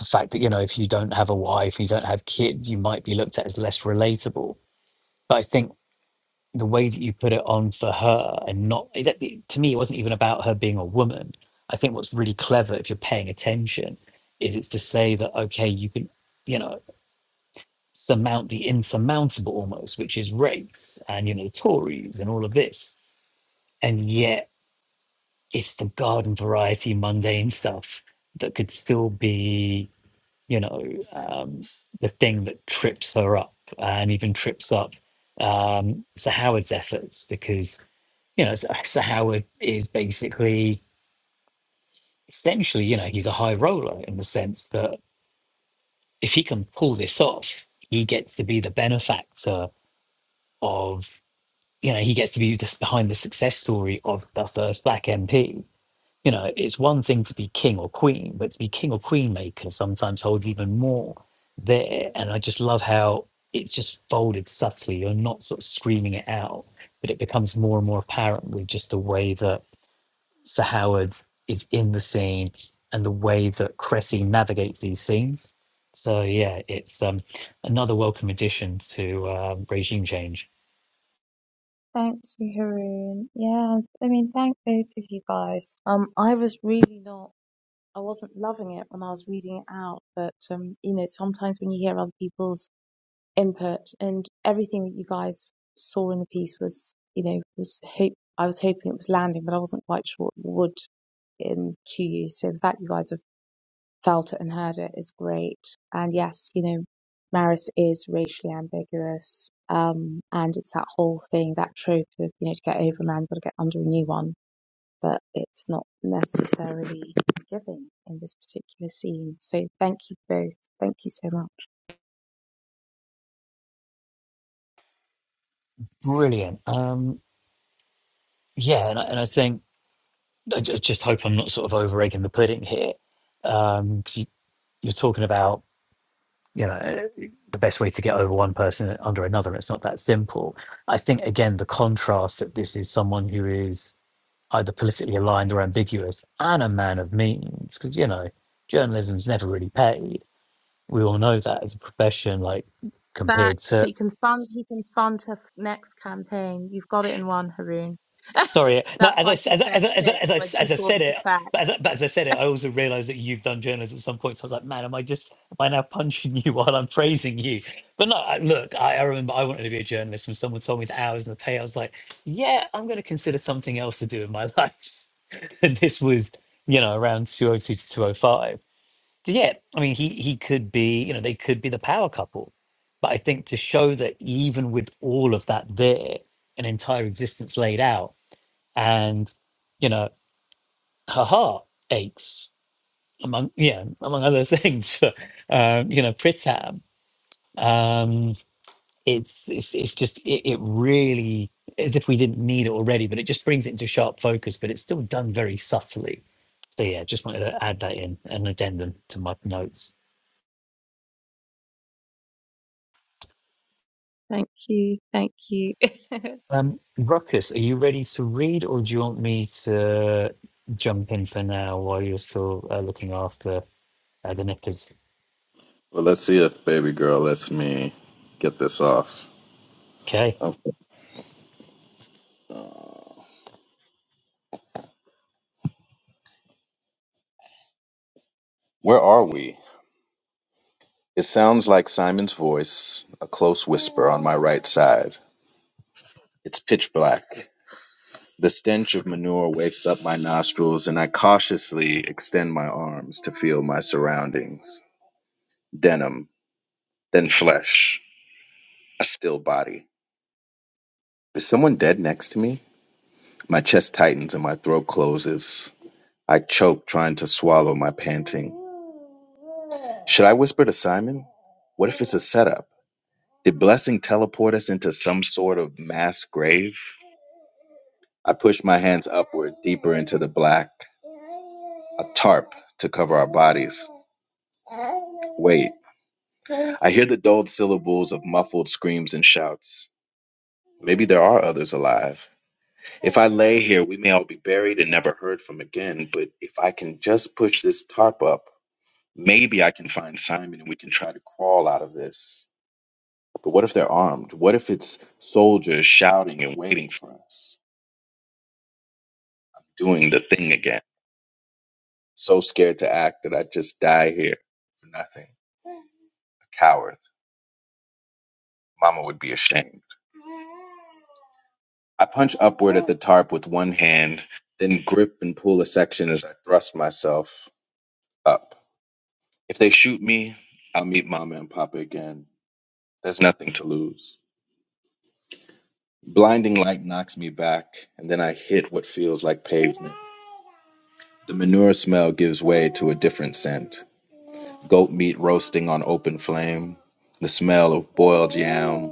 Speaker 2: the fact that you know if you don't have a wife you don't have kids you might be looked at as less relatable but i think the way that you put it on for her and not it- it- to me it wasn't even about her being a woman i think what's really clever if you're paying attention is it's to say that okay you can you know surmount the insurmountable almost which is race and you know tories and all of this and yet it's the garden variety mundane stuff that could still be you know, um, the thing that trips her up and even trips up um, Sir Howard's efforts because, you know, Sir Sir Howard is basically, essentially, you know, he's a high roller in the sense that if he can pull this off, he gets to be the benefactor of, you know, he gets to be just behind the success story of the first black MP You know, it's one thing to be king or queen, but to be king or queen maker sometimes holds even more there. And I just love how it's just folded subtly. You're not sort of screaming it out, but it becomes more and more apparent with just the way that Sir Howard is in the scene and the way that Cressy navigates these scenes. So yeah, it's um, another welcome addition to um regime change.
Speaker 1: Thank you, Haroon. Yeah, I mean, thank both of you guys. Um, I was really not, I wasn't loving it when I was reading it out, but um, you know, sometimes when you hear other people's input and everything that you guys saw in the piece was, you know, was hope. I was hoping it was landing, but I wasn't quite sure it would in two years. So the fact you guys have felt it and heard it is great. And yes, you know, Maris is racially ambiguous. Um, and it's that whole thing, that trope of, you know, to get over a man, you've got to get under a new one. But it's not necessarily given in this particular scene. So thank you both. Thank you so much.
Speaker 2: Brilliant. Um, yeah, and I, and I think I ju- just hope I'm not sort of over egging the pudding here. Um, 'cause you, you're talking about you know eh, the best way to get over one person under another. It's not that simple. I think again the contrast that this is someone who is either politically aligned or ambiguous and a man of means because you know journalism's never really paid. We all know that as a profession, like
Speaker 1: Back
Speaker 2: compared
Speaker 1: So
Speaker 2: to
Speaker 1: you can fund. He can fund her f- next campaign. You've got it in one, Haroon.
Speaker 2: Sorry. No,
Speaker 1: That's
Speaker 2: as I
Speaker 1: why
Speaker 2: s-
Speaker 1: she
Speaker 2: as I-
Speaker 1: said
Speaker 2: as I- as I,
Speaker 1: tick
Speaker 2: as I,
Speaker 1: when
Speaker 2: s-
Speaker 1: she
Speaker 2: as I
Speaker 1: saw the
Speaker 2: said it,
Speaker 1: protect.
Speaker 2: but as, I, but as I said it, I also realized that you've done journalism at some point. So I was like, man, am I just am I now punching you [LAUGHS] while I'm praising you? But no, I, look, I, I remember I wanted to be a journalist when someone told me the hours and the pay. I was like, yeah, I'm going to consider something else to do in my [LAUGHS] life. and this was, you know, around 202 to 205. So yeah, I mean, he he could be, you know, they could be the power couple. But I think to show that even with all of that there, an entire existence laid out and you know her heart aches among yeah among other [LAUGHS] things for um, you know Pritam. Um, it's it's it's just it, it really as if we didn't need it already, but it just brings it into sharp focus. But it's still done very subtly. So yeah, just wanted to add that in an addendum to my notes.
Speaker 1: Thank you. Thank you. [LAUGHS]
Speaker 2: Um, Ruckus, are you ready to read, or do you want me to jump in for now while you're still uh, looking after uh, the nippers?
Speaker 4: Well, let's see if Baby Girl lets me get this off.
Speaker 2: Okay.
Speaker 4: Okay. Where are we? It sounds like Simon's voice, a close whisper on my right side. It's pitch black. The stench of manure wakes up my nostrils, and I cautiously extend my arms to feel my surroundings denim, then flesh, a still body. Is someone dead next to me? My chest tightens and my throat closes. I choke, trying to swallow my panting. Should I whisper to Simon? What if it's a setup? Did Blessing teleport us into some sort of mass grave? I push my hands upward, deeper into the black, a tarp to cover our bodies. Wait, I hear the dulled syllables of muffled screams and shouts. Maybe there are others alive. If I lay here, we may all be buried and never heard from again, but if I can just push this tarp up, maybe I can find Simon and we can try to crawl out of this. But what if they're armed? What if it's soldiers shouting and waiting for us, doing the thing again? So scared to act that I'd just die here for nothing. A coward. Mama would be ashamed. I punch upward at the tarp with one hand, then grip and pull a section as I thrust myself up. If they shoot me, I'll meet Mama and Papa again. There's nothing to lose. Blinding light knocks me back, and then I hit what feels like pavement. The manure smell gives way to a different scent. goat meat roasting on open flame, the smell of boiled yam,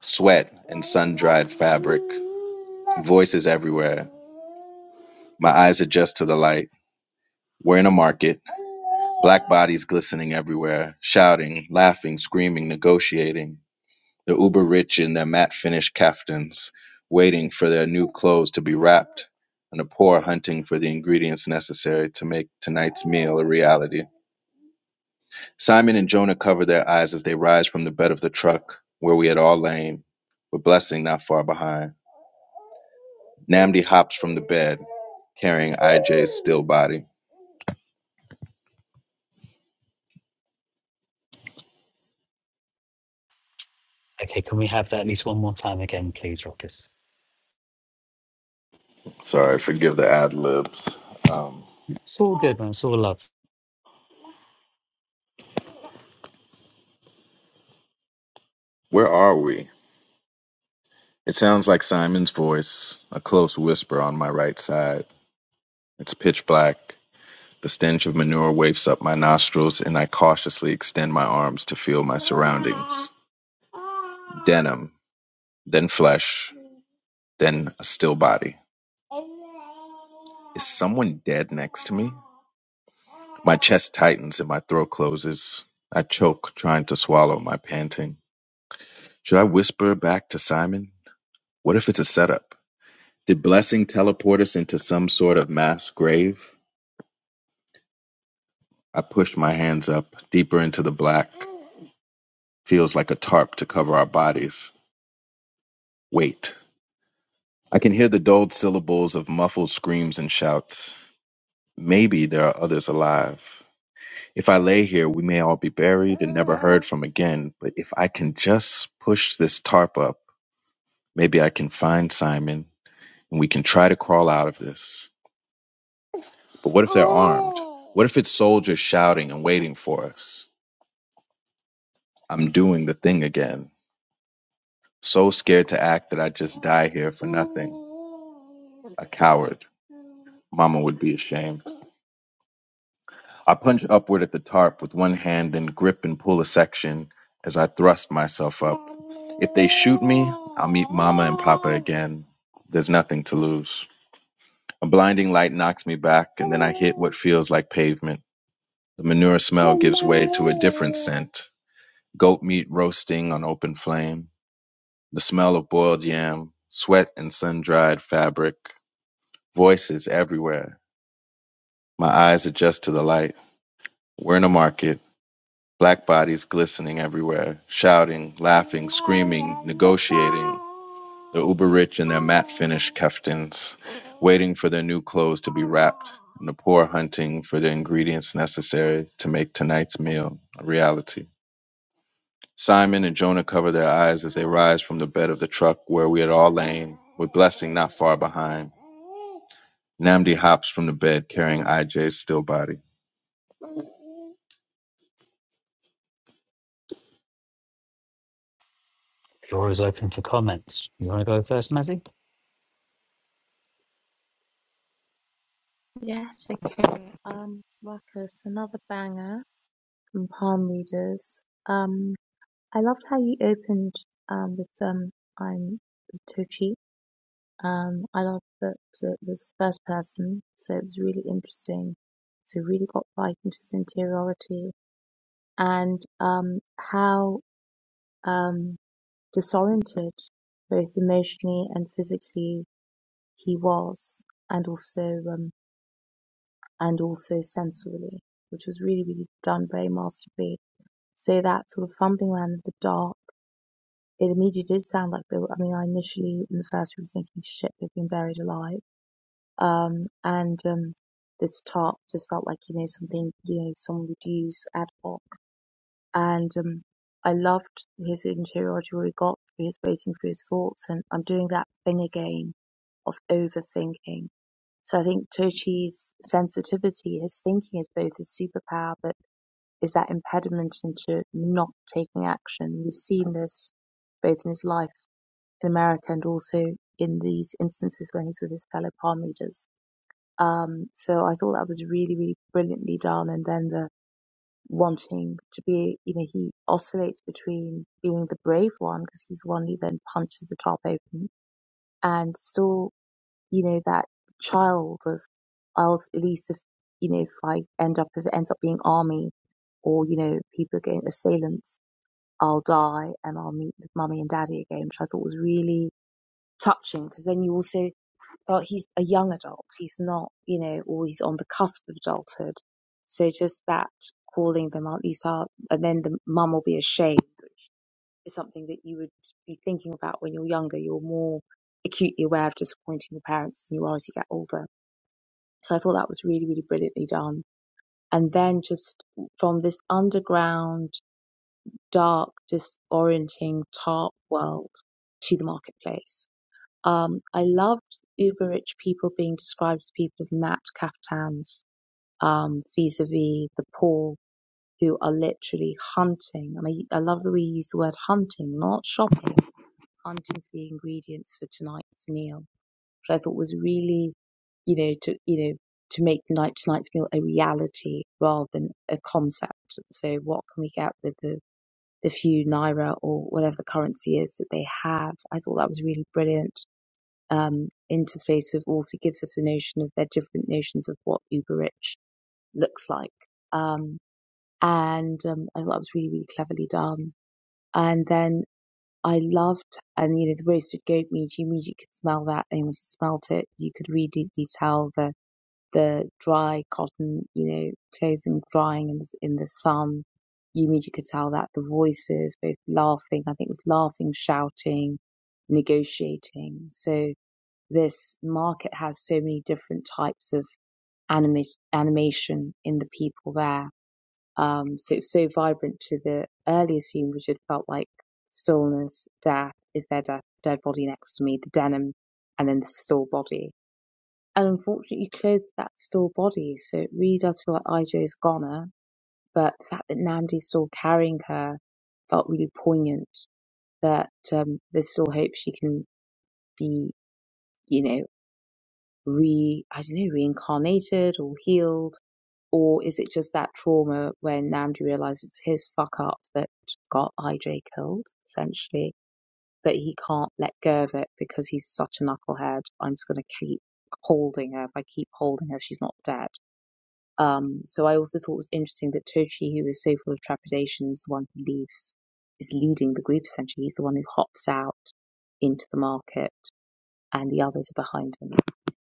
Speaker 4: sweat and sun dried fabric, voices everywhere. My eyes adjust to the light. We're in a market, black bodies glistening everywhere, shouting, laughing, screaming, negotiating. The uber rich in their matte finished kaftans, waiting for their new clothes to be wrapped, and the poor hunting for the ingredients necessary to make tonight's meal a reality. Simon and Jonah cover their eyes as they rise from the bed of the truck where we had all lain, with blessing not far behind. Namdi hops from the bed, carrying IJ's still body.
Speaker 2: Okay, can we have that at least one more time again, please, Ruckus?
Speaker 4: Sorry, forgive the ad libs. Um,
Speaker 2: It's all good, man. It's all love.
Speaker 4: where are we? It sounds like Simon's voice, a close whisper on my right side. It's pitch black. The stench of manure wafts up my nostrils, and I cautiously extend my arms to feel my surroundings denim, then flesh. Then a still body. Is someone dead next to me? My chest tightens and my throat closes. I choke, trying to swallow my panting. Should I whisper back to Simon? What if it's a setup? Did Blessing teleport us into some sort of mass grave? I push my hands up, deeper into the black. Feels like a tarp to cover our bodies. Wait. I can hear the dulled syllables of muffled screams and shouts. Maybe there are others alive. If I lay here, we may all be buried and never heard from again, but if I can just push this tarp up, maybe I can find Simon and we can try to crawl out of this. But what if they're armed? What if it's soldiers shouting and waiting for us? I'm doing the thing again. So scared to act that I just die here for nothing. A coward. Mama would be ashamed. I punch upward at the tarp with one hand and grip and pull a section as I thrust myself up. If they shoot me, I'll meet Mama and Papa again. There's nothing to lose. A blinding light knocks me back, and then I hit what feels like pavement. The manure smell gives way to a different scent goat meat roasting on open flame, the smell of boiled yam, sweat and sun dried fabric, voices everywhere. My eyes adjust to the light. We're in a market Black bodies glistening everywhere, shouting, laughing, screaming, negotiating. The uber rich in their matte finished keftons, waiting for their new clothes to be wrapped, and the poor hunting for the ingredients necessary to make tonight's meal a reality. Simon and Jonah cover their eyes as they rise from the bed of the truck where we had all lain, with Blessing not far behind. Namdi hops from the bed carrying IJ's still body.
Speaker 2: Floor is open for comments. You want to go first, Mazzy?
Speaker 1: yes. Okay. Um, Ruckus, another banger from Palm Readers. Um, I loved how you opened um with um I'm too cheap. Um, I loved that it was first person, so it was really interesting. So really got right into his interiority and um how um, disoriented, both emotionally and physically. He was, and also um, and also sensorily, which was really really done very masterfully. So that sort of fumbling around of the dark, it immediately did sound like they were. I mean, I initially in the first room was thinking, shit, they've been buried alive. Um, and um, this tarp just felt like you know something you know someone would use ad hoc and um, I loved his interiority where he got through his racing through his thoughts, and I'm doing that thing again of overthinking. So I think Turchi's sensitivity, his thinking is both his superpower, but is that impediment into not taking action. We've seen this both in his life in America and also in these instances when he's with his fellow palm readers. Um, so I thought that was really, really brilliantly done. And then the wanting to be, you know, he oscillates between being the brave one because he's the one who then punches the top open and still, you know, that child of, I'll at least if, you know, if I end up, if it ends up being army or, you know, people are getting assailants, I'll die and I'll meet with mummy and daddy again, which I thought was really touching because then you also well, he's a young adult. He's not, you know, or he's on the cusp of adulthood. So just that calling them out, these are, and then the mum will be ashamed, which is something that you would be thinking about when you're younger. You're more acutely aware of disappointing your parents than you are as you get older. So I thought that was really, really brilliantly done. And then just from this underground, dark, disorienting, tarp world to the marketplace um, I loved uber rich people being described as people in matte kaftans, um, vis-a-vis the poor who are literally hunting. I mean, I love the way you use the word hunting, not shopping, hunting for the ingredients for tonight's meal, which I thought was really, you know, to, you know, to make night, tonight's meal a reality rather than a concept. So what can we get with the, the few naira or whatever the currency is that they have? I thought that was really brilliant um, interface of also gives us a notion of their different notions of what uber rich looks like. Um, and um, I thought it was really, really cleverly done. And then I loved, and you know, the roasted goat meat, you mean you could smell that, and once you smelt it, you could really tell the, the dry cotton, you know, clothing drying in the, in the sun. You mean you could tell that the voices, both laughing, I think it was laughing, shouting, negotiating. So, this market has so many different types of anima- animation in the people there. Um, so it's so vibrant to the earlier scene, which had felt like stillness, death, is there death, dead body next to me, the denim, and then the still body. And unfortunately, you closed that still body, so it really does feel like Ijo's goner. But the fact that Namdi's still carrying her felt really poignant. That um, there's still hope she can be, you know, re I don't know reincarnated or healed, or is it just that trauma when Namdi realizes it's his fuck up that got IJ killed essentially, but he can't let go of it because he's such a knucklehead. I'm just gonna keep holding her. If I keep holding her, she's not dead. Um, so I also thought it was interesting that Tochi, who is so full of trepidation, is the one who leaves, is leading the group essentially. He's the one who hops out into the market, and the others are behind him.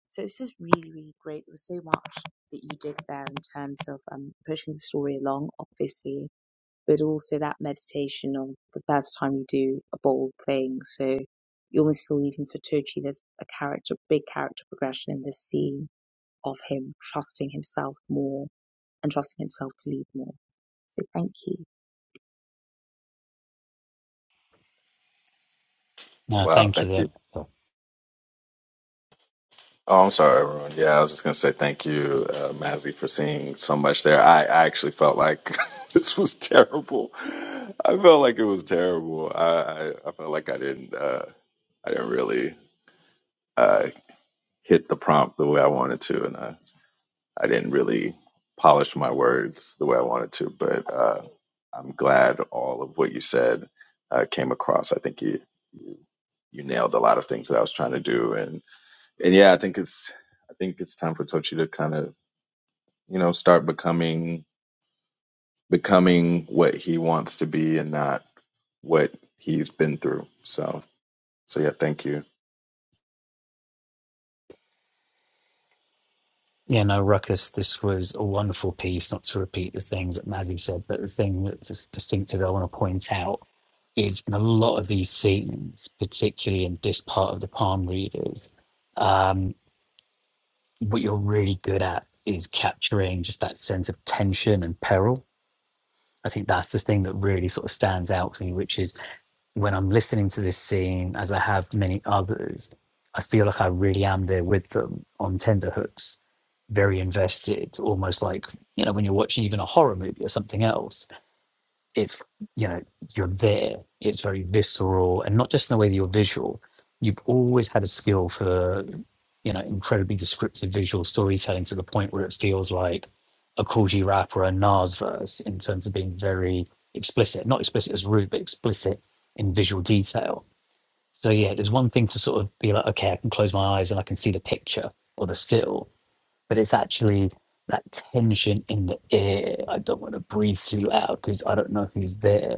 Speaker 1: So it's just really, really great. There was so much that you did there in terms of um, pushing the story along, obviously, but also that meditation on the first time you do a bold thing. So you almost feel even for Tochi, there's a character, big character progression in this scene of him trusting himself more and trusting himself to lead more. So thank you.
Speaker 2: No,
Speaker 4: Wow,
Speaker 2: thank you.
Speaker 4: thank you.
Speaker 2: Then.
Speaker 4: Oh, I'm sorry, everyone. Yeah, I was just gonna say thank you, uh, Mazzy, for seeing so much there. I, I actually felt like [LAUGHS] this was terrible. I felt like it was terrible. I, I, I felt like I didn't uh, I didn't really uh, hit the prompt the way I wanted to, and I, I didn't really polish my words the way I wanted to. But uh, I'm glad all of what you said uh, came across. I think you you you nailed a lot of things that I was trying to do, and and yeah, I think it's I think it's time for Tochi to kind of you know start becoming becoming what he wants to be and not what he's been through. So so yeah, thank you,
Speaker 2: Yeah, no, Ruckus, this was a wonderful piece, not to repeat the things that Mazzy said, but the thing that's distinctive I want to point out is in a lot of these scenes, particularly in this part of the palm readers, um, what you're really good at is capturing just that sense of tension and peril. I think that's the thing that really sort of stands out for me, which is when I'm listening to this scene, as I have many others, I feel like I really am there with them on tenderhooks, very invested, almost like, you know, when you're watching even a horror movie or something else it's you know you're there it's very visceral and not just in the way that you're visual you've always had a skill for you know incredibly descriptive visual storytelling to the point where it feels like a Kool-G rap or a Nas verse in terms of being very explicit not explicit as rude but explicit in visual detail so yeah there's one thing to sort of be like okay I can close my eyes and I can see the picture or the still but it's actually that tension in the air. I don't want to breathe too loud because I don't know who's there.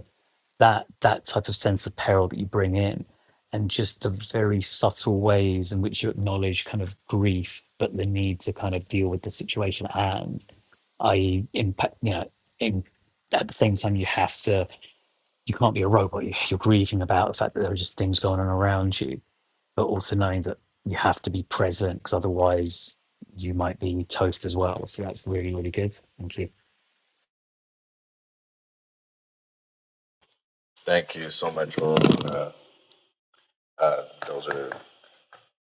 Speaker 2: That that type of sense of peril that you bring in, and just the very subtle ways in which you acknowledge kind of grief, but the need to kind of deal with the situation at hand, i.e., impact. You know, in, at the same time, you have to. You can't be a robot. You- You're grieving about the fact that there are just things going on around you but also knowing that you have to be present because otherwise you might be toast as well. So that's really, really good. Thank you.
Speaker 4: thank you so much, Roland. Uh, uh, those are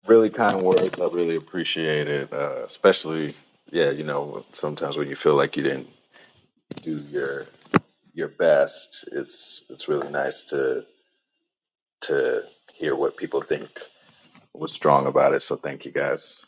Speaker 4: really kind words. I really appreciate it, uh, especially yeah, you know sometimes when you feel like you didn't do your your best, it's it's really nice to to hear what people think was strong about it. So thank you guys.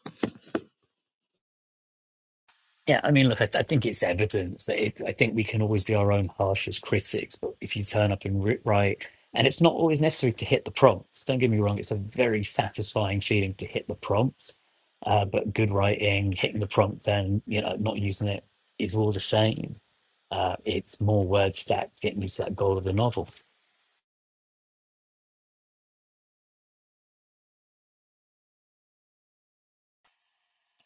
Speaker 2: Yeah, I mean, look, I, th- I think it's evidence that it, I think we can always be our own harshest critics, but if you turn up and ri right, and it's not always necessary to hit the prompts. Don't get me wrong; it's a very satisfying feeling to hit the prompts, uh, but good writing, hitting the prompt, and you know, not using it is all the same. Uh, it's more word stacks getting you to that goal of the novel.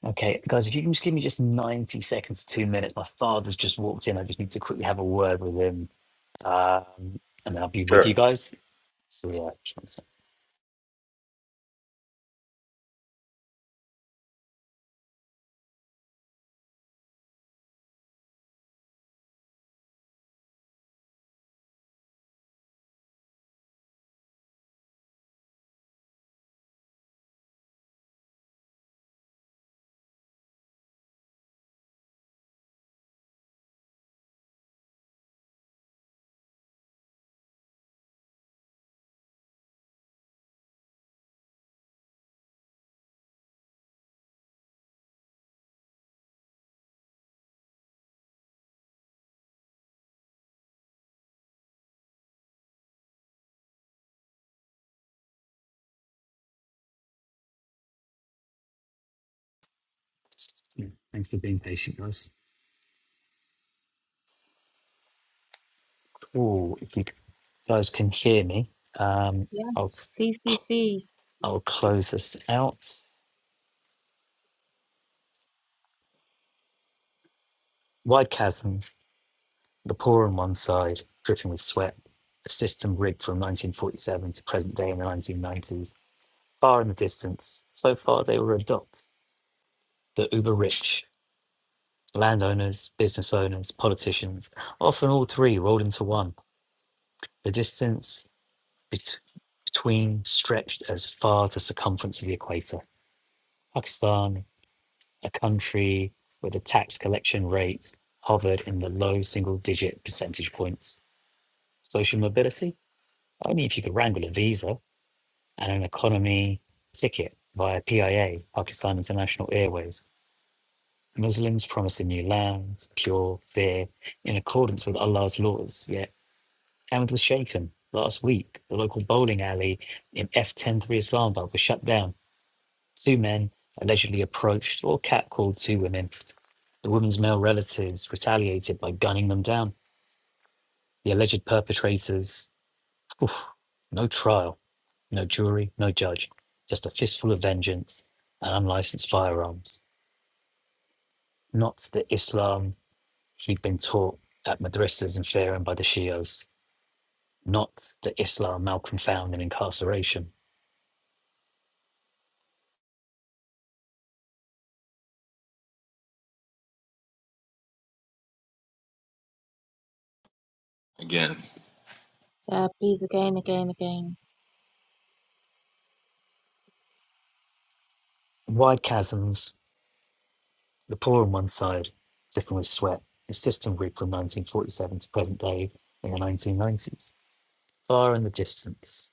Speaker 2: Okay, guys, if you can just give me just 90 seconds to two minutes. My father's just walked in. I just need to quickly have a word with him. Um, and then I'll be with you
Speaker 4: Sure.
Speaker 2: guys. So, yeah, just one sec. Yeah, thanks for being patient, guys. Oh, if you guys can hear me, um, I'll,
Speaker 1: Yes, please, please, please.
Speaker 2: I'll close this out. Wide chasms, the poor on one side, dripping with sweat, a system rigged from 1947 to present day in the 1990s. Far in the distance, so far they were a dot. The uber rich Landowners, business owners, politicians, often all three rolled into one. The distance bet- between stretched as far as the circumference of the equator. Pakistan, a country where the tax collection rate hovered in the low single digit percentage points. Social mobility? Only if you could wrangle a visa and an economy ticket via PIA, Pakistan International Airways. Muslims promised a new land, pure, fair, in accordance with Allah's laws. Yet. Hamid was shaken. Last week, the local bowling alley in F103 Islamabad was shut down. Two men allegedly approached or catcalled two women. The women's male relatives retaliated by gunning them down. The alleged perpetrators, oof, no trial, no jury, no judge, just a fistful of vengeance and unlicensed firearms. Not the Islam he'd been taught at madrasas in Tehran by the Shias. Not the Islam Malcolm found in incarceration
Speaker 4: Again.
Speaker 1: Yeah, please again, again, again.
Speaker 2: Wide chasms, the poor on one side, dripping with sweat, is system grid from 1947 to present day in the 1990s. Far in the distance,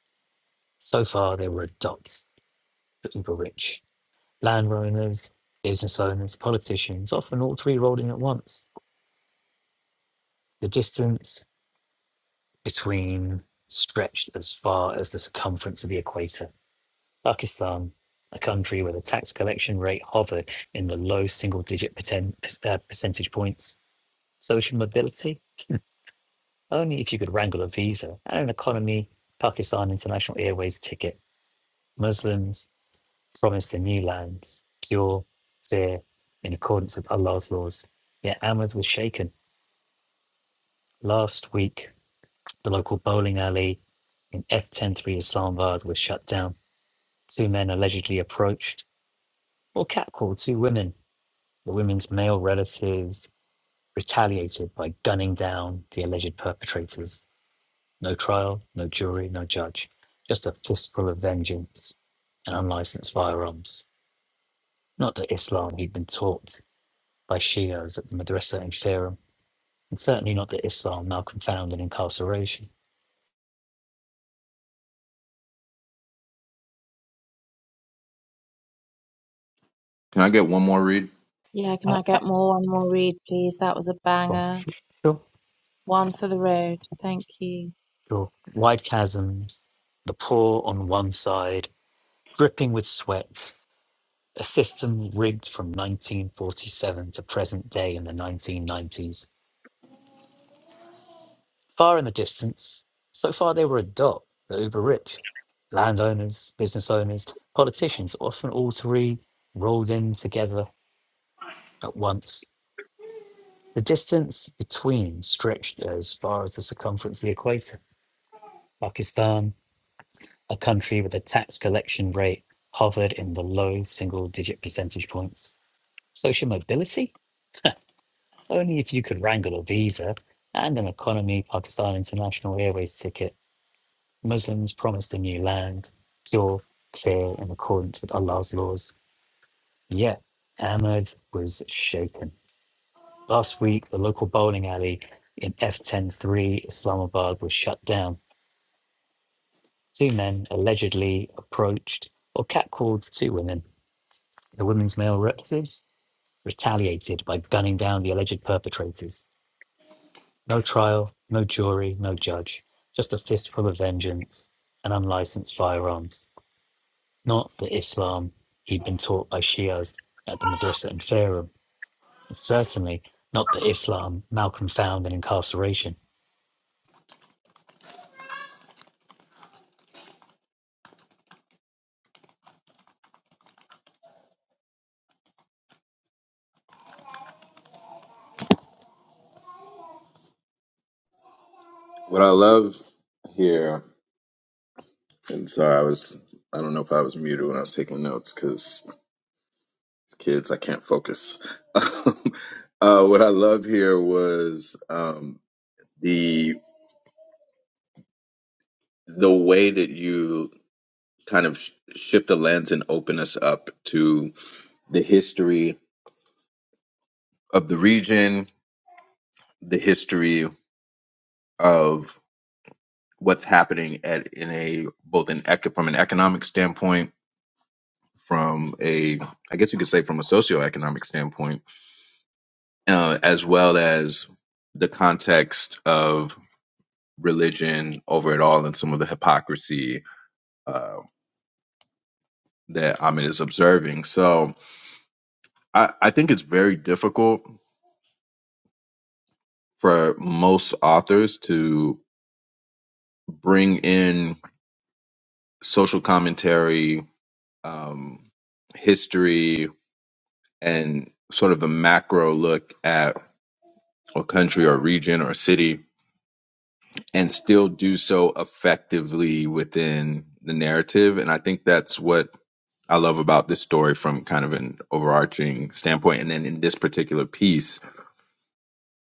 Speaker 2: so far they were a dot, but uber rich. Landowners, business owners, politicians, often all three rolled in at once. The distance between stretched as far as the circumference of the equator. Pakistan, a country where the tax collection rate hovered in the low single digit percent, uh, percentage points. Social mobility Only if you could wrangle a visa and an economy, Pakistan International Airways ticket, Muslims promised the new lands, pure, fair, in accordance with Allah's laws. Yet Ahmed was shaken. Last week, the local bowling alley in F103 Islamabad was shut down. Two men allegedly approached or catcalled two women. The women's male relatives retaliated by gunning down the alleged perpetrators. No trial, no jury, no judge. Just a fistful of vengeance and unlicensed firearms. Not the Islam he'd been taught by Shias at the madrasa in Tehran, and certainly not the Islam now confound in incarceration.
Speaker 4: Can I get one more read?
Speaker 1: Yeah, can
Speaker 2: Uh,
Speaker 1: I get more one more read, please? That was a
Speaker 2: that's from
Speaker 1: banger.
Speaker 2: sure,
Speaker 1: One for the Road. Thank you.
Speaker 2: sure. Wide chasms, the poor on one side, dripping with sweat, a system rigged from 1947 to present day in the 1990s Far in the distance, so far they were a dot, the uber rich, landowners, business owners, politicians, often all three rolled in together at once. The distance between stretched as far as the circumference of the equator. Pakistan, a country with a tax collection rate hovered in the low single digit percentage points. Social mobility? Only if you could wrangle a visa and an economy Pakistan International Airways ticket Muslims promised a new land, pure, clear, in accordance with Allah's laws. Yet Ahmed was shaken. Last week, the local bowling alley in F103 Islamabad was shut down. Two men allegedly approached or catcalled two women. The women's male relatives retaliated by gunning down the alleged perpetrators. No trial, no jury, no judge, just a fistful of vengeance and unlicensed firearms. not the Islam he'd been taught by Shias at the Madrasa in Fairham, and certainly not the Islam Malcolm found in incarceration.
Speaker 4: What I love here, and sorry, I was, I don't know if I was muted when I was taking notes because kids, I can't focus. [LAUGHS] um, uh, what I love here was um, the the way that you kind of sh- shift the lens and open us up to the history of the region, the history of what's happening at in a both an ec- from an economic standpoint from a, I guess you could say from a socioeconomic standpoint, uh, as well as the context of religion over it all and some of the hypocrisy uh, that Ahmed is observing. So I, I think it's very difficult for most authors to bring in social commentary, um, history, and sort of a macro look at a country or region or city and still do so effectively within the narrative. And I think that's what I love about this story from kind of an overarching standpoint. And then in this particular piece,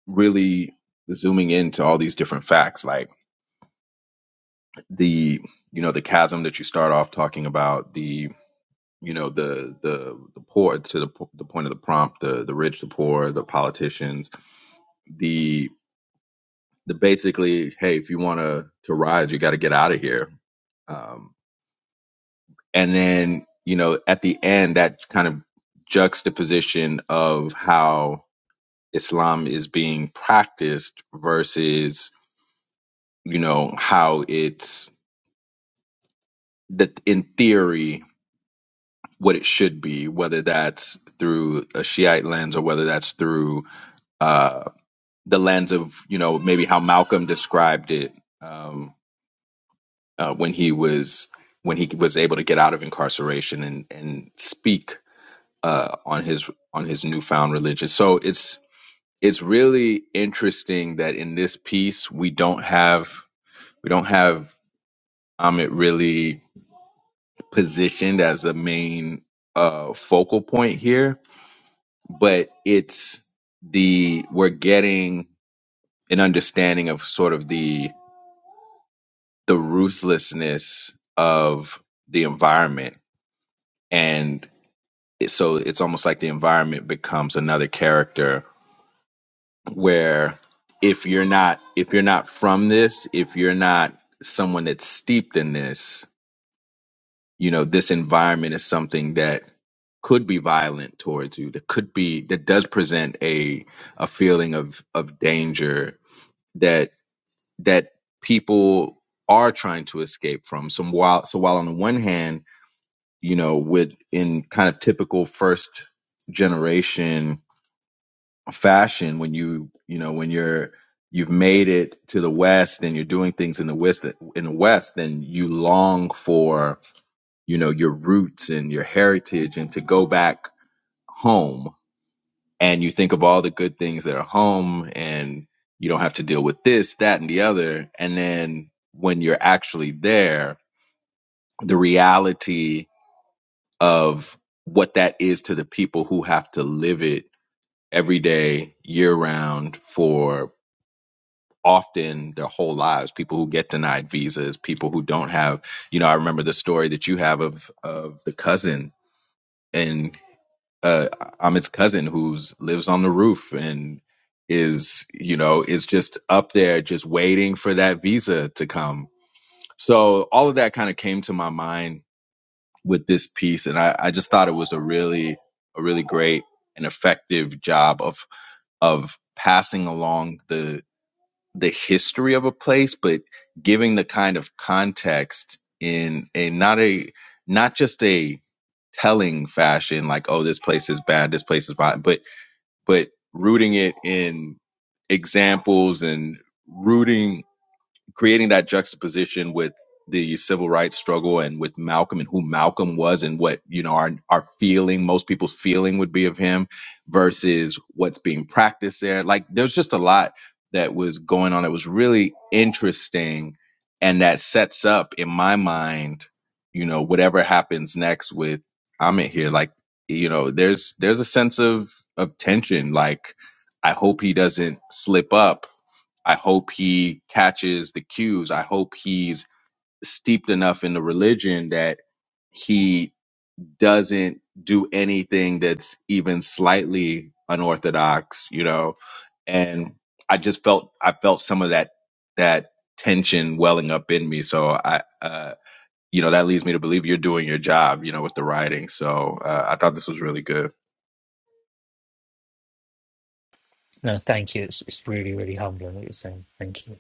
Speaker 4: really zooming into all these different facts, like the, you know, the chasm that you start off talking about, the, you know, the, the, the poor to the, the point of the prompt, the, the rich, the poor, the politicians, the, the basically, hey, if you want to, to rise, you got to get out of here Um, and then you know at the end that kind of juxtaposition of how islam is being practiced versus you know how it's that in theory what it should be whether that's through a shiite lens or whether that's through uh the lens of you know maybe how malcolm described it um uh, when he was when he was able to get out of incarceration and and speak uh, on his on his newfound religion. So it's it's really interesting that in this piece we don't have we don't have Amit really positioned as a main uh, focal point here, but it's the we're getting an understanding of sort of the the ruthlessness of the environment and it- so it's almost like the environment becomes another character where if you're not if you're not from this, if you're not someone that's steeped in this, you know, this environment is something that could be violent towards you. That could be that does present a a feeling of of danger that that people are trying to escape from. So while so while on the one hand, you know, with in kind of typical first generation fashion when you you know when you're you've made it to the west and you're doing things in the west in the west then you long for you know your roots and your heritage and to go back home and you think of all the good things that are home and you don't have to deal with this that and the other and then when you're actually there the reality of what that is to the people who have to live it every day year round for often their whole lives people who get denied visas people who don't have you know i remember the story that you have of of the cousin and uh amit's cousin who's lives on the roof and is you know is just up there just waiting for that visa to come so all of that kind of came to my mind with this piece and i i just thought it was a really a really great and effective job of of passing along the the history of a place, but giving the kind of context in a not a not just a telling fashion, like oh this place is bad, this place is bad, but but rooting it in examples and rooting creating that juxtaposition with the civil rights struggle and with Malcolm and who Malcolm was and what you know our our feeling most people's feeling would be of him versus what's being practiced there like there's just a lot that was going on that was really interesting and that sets up in my mind you know whatever happens next with Amit here like you know there's there's a sense of of tension like I hope he doesn't slip up I hope he catches the cues. I hope he's steeped enough in the religion that he doesn't do anything that's even slightly unorthodox, you know. And I just felt I felt some of that that tension welling up in me. So I uh you know that leads me to believe you're doing your job, you know, with the writing. So uh, I thought this was really good.
Speaker 2: No, thank you. It's, it's really, really humbling what you're saying. Thank you.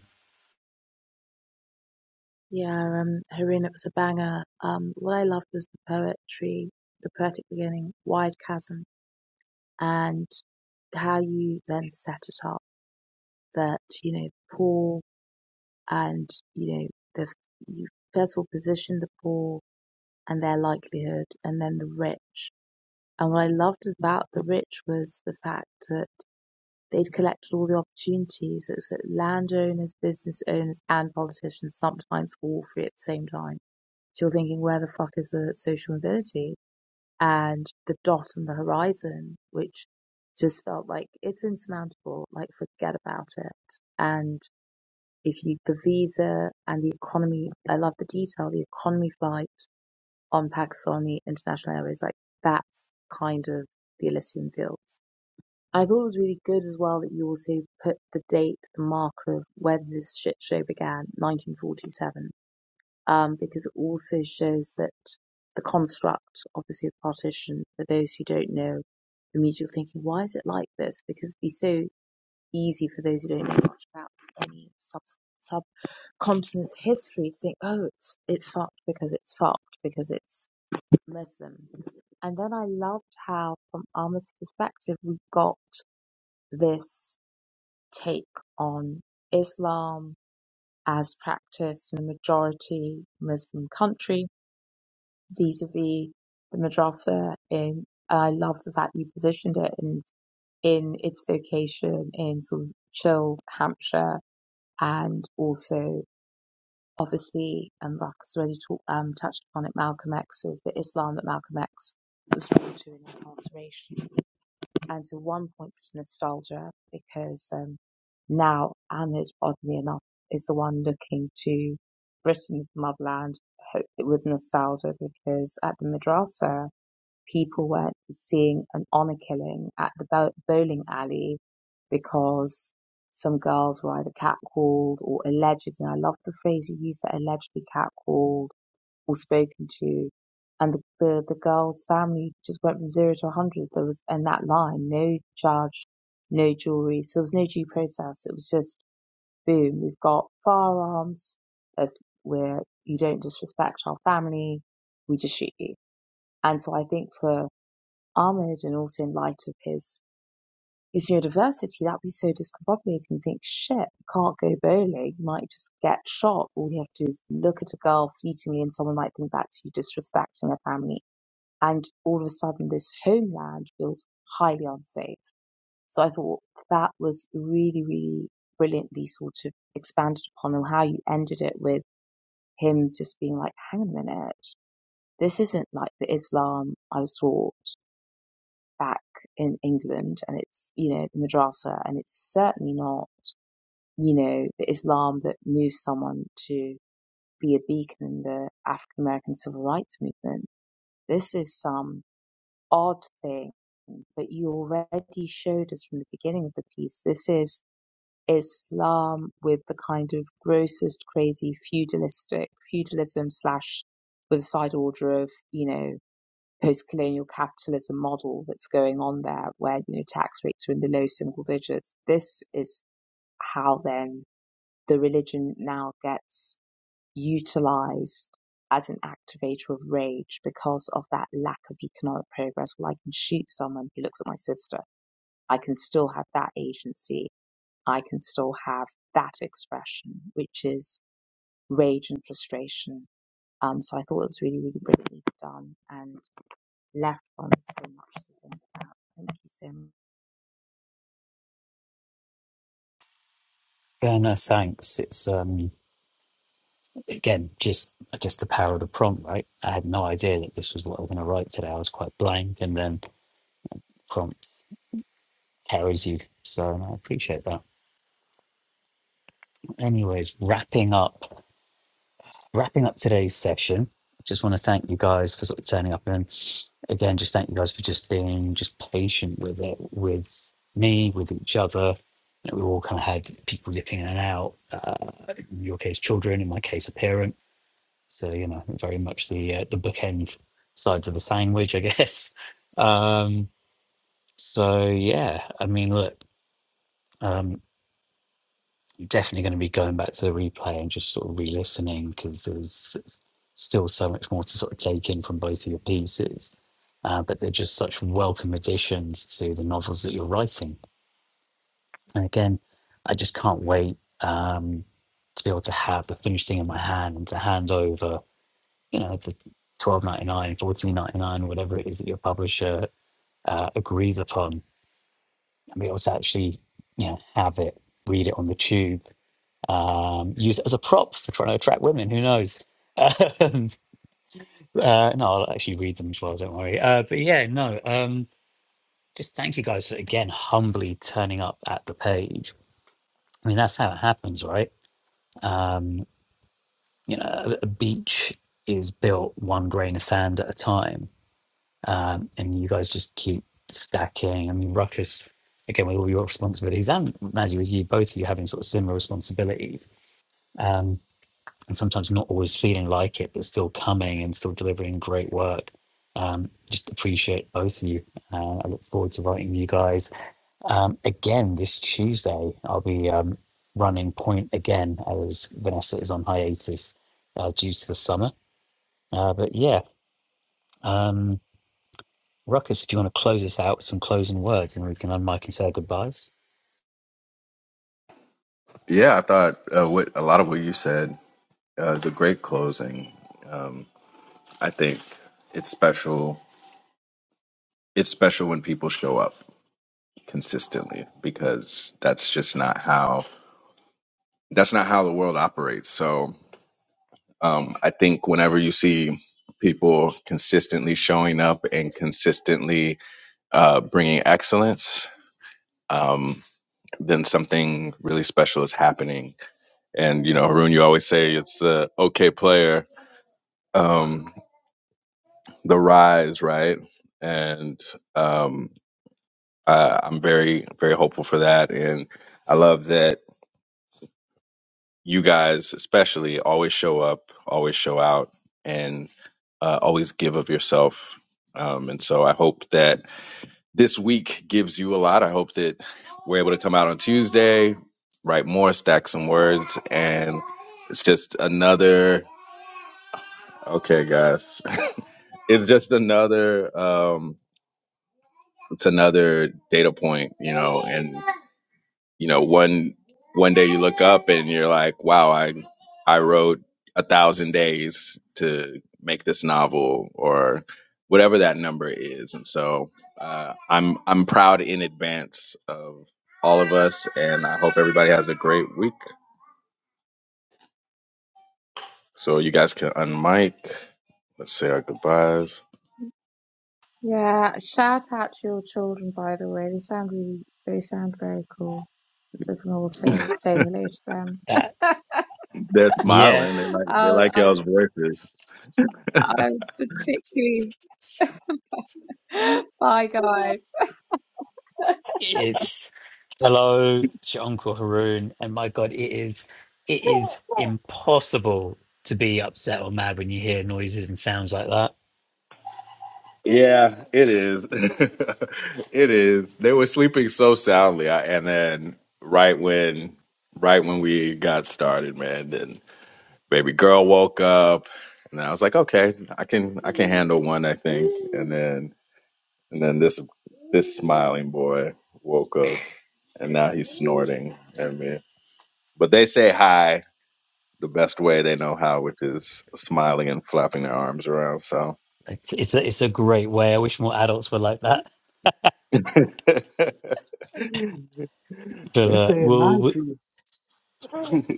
Speaker 1: Yeah, um, Harun, it was a banger. Um, what I loved was the poetry, the poetic beginning, wide chasm, and how you then set it up that, you know, poor and, you know, the, you first of all position the poor and their likelihood and then the rich. And what I loved about the rich was the fact that They'd collected all the opportunities. It was that so landowners, business owners, and politicians, sometimes all three at the same time. So you're thinking, where the fuck is the social mobility? And the dot on the horizon, which just felt like it's insurmountable, like forget about it. And if you, the visa and the economy, I love the detail, the economy flight on Pakistani international airways, like that's kind of the Elysian fields I thought it was really good as well that you also put the date, the marker of when this shit show began, 1947, um, because it also shows that the construct, obviously, of partition, for those who don't know, immediately thinking, why is it like this? Because it'd be so easy for those who don't know much about any sub subcontinent history to think, oh, it's it's fucked because it's fucked because it's Muslim. And then I loved how, from Ahmed's perspective, we got this take on Islam as practiced in a majority Muslim country vis-a-vis the madrasa in I love the fact you positioned it in in its location in sort of chilled Hampshire and also obviously and Mark has already talked, um, touched upon it Malcolm X's the Islam that Malcolm X was drawn to in incarceration And so one points to nostalgia because um, now Ahmed, oddly enough, is the one looking to Britain's motherland ho- with nostalgia because at the madrasa, people were seeing an honour killing at the bow- bowling alley because some girls were either catcalled or allegedly. I love the phrase you use that allegedly catcalled or spoken to. And the, the, the girl's family just went from zero to 100. There was, and that line, no charge, no jewelry. So there was no due process. It was just, boom, we've got firearms. There's, where you don't disrespect our family. We just shoot you. And so I think for Ahmed and also in light of his his neurodiversity, that would be so discombobulating. You think, shit, you can't go bowling. You might just get shot. All you have to do is look at a girl fleetingly and someone might think that's you disrespecting her family. And all of a sudden, this homeland feels highly unsafe. So I thought that was really, really brilliantly sort of expanded upon and how you ended it with him just being like, hang on a minute, this isn't like the Islam I was taught back in England and it's, you know, the madrasa and it's certainly not you know, the Islam that moved someone to be a beacon in the African American civil rights movement. This is some odd thing, but you already showed us from the beginning of the piece. This is Islam with the kind of grossest, crazy feudalistic feudalism slash with a side order of, you know, post-colonial capitalism model that's going on there where, you know, tax rates are in the low single digits. This is how then the religion now gets utilized as an activator of rage because of that lack of economic progress. Well, I can shoot someone who looks at my sister. I can still have that agency. I can still have that expression, which is rage and frustration. Um, so I thought it was really, really brilliantly done and left on so much to think about. Thank you so much.
Speaker 2: Yeah, no, thanks. It's um again just I guess the power of the prompt, right? I had no idea that this was what I was going to write today. I was quite blank, and then prompt carries you. So no, I appreciate that. Anyways, wrapping up wrapping up today's session, just want to thank you guys for sort of turning up and again, just thank you guys for just being just patient with it, with me, with each other. You know, we all kind of had people dipping in and out. Uh, in your case, children. In my case, a parent. So you know, very much the uh, the bookend sides of the sandwich, I guess. [LAUGHS] Um, so yeah, I mean, look. Um, definitely going to be going back to the replay and just sort of re-listening because there's s- still so much more to sort of take in from both of your pieces. Uh, but they're just such welcome additions to the novels that you're writing. And again, I just can't wait um, to be able to have the finished thing in my hand and to hand over, you know, the twelve ninety nine, fourteen ninety nine, whatever it is that your publisher uh, agrees upon, and be able to actually, you know, have it, read it on the tube um, use it as a prop for trying to attract women. Who knows? [LAUGHS] Um, uh, no, I'll actually read them as well. Don't worry. Uh, but yeah, no. Um, just thank you guys for again humbly turning up at the page. I mean, that's how it happens, right? Um, you know, a, a beach is built one grain of sand at a time, um, and you guys just keep stacking. I mean, Ruckus. Again, with all your responsibilities, and Mazzy, with you both of you having sort of similar responsibilities, Um, and sometimes not always feeling like it, but still coming and still delivering great work. Um, just appreciate both of you. Uh, I look forward to writing with you guys um, again this Tuesday. I'll be um, running point again as Vanessa is on hiatus uh, due to the summer. Uh, but yeah, um, Ruckus, if you want to close us out with some closing words, and we can unmic and say our goodbyes.
Speaker 4: Yeah, I thought uh, what a lot of what you said uh, is a great closing. Um, I think it's special. It's special when people show up consistently because that's just not how that's not how the world operates. So um, I think whenever you see people consistently showing up and consistently uh, bringing excellence, um, then something really special is happening. And you know, Haroon, you always say it's the okay player, um, the rise, right? And um, Uh, I'm very, very hopeful for that. And I love that you guys, especially, always show up, always show out, and uh, always give of yourself. Um, and so I hope that this week gives you a lot. I hope that we're able to come out on Tuesday, write more, stack some words, and it's just another, okay, guys, [LAUGHS] it's just another, um, it's another data point, you know, you know one one day you look up and you're like wow i i wrote a thousand days to make this novel or whatever that number is and so uh, i'm i'm proud in advance of all of us and i hope everybody has a great week so you guys can unmic let's say our goodbyes
Speaker 1: Yeah, shout out to your children, by the way. They sound really, they sound very cool. I Just want to also say hello to them.
Speaker 2: Uh,
Speaker 4: they're
Speaker 2: yeah,
Speaker 4: smiling they like
Speaker 1: I
Speaker 4: they
Speaker 1: was,
Speaker 4: like
Speaker 1: I was,
Speaker 4: y'all's voices
Speaker 1: I was particularly. [LAUGHS] Bye, guys.
Speaker 2: It's hello to Uncle Haroon, and my God, it is it is impossible to be upset or mad when you hear noises and sounds like that.
Speaker 4: Yeah, it is. [LAUGHS] It is. They were sleeping so soundly, I, and then right when right when we got started, man, then baby girl woke up, and I was like, okay, I can I can handle one, I think. And then and then this this smiling boy woke up, and now he's snorting at me. But they say hi the best way they know how, which is smiling and flapping their arms around. So.
Speaker 2: It's it's a, it's a great way. I wish more adults were like that.
Speaker 4: [LAUGHS] They're
Speaker 2: But uh,
Speaker 4: saying hi
Speaker 2: we'll, we'll
Speaker 4: to [LAUGHS]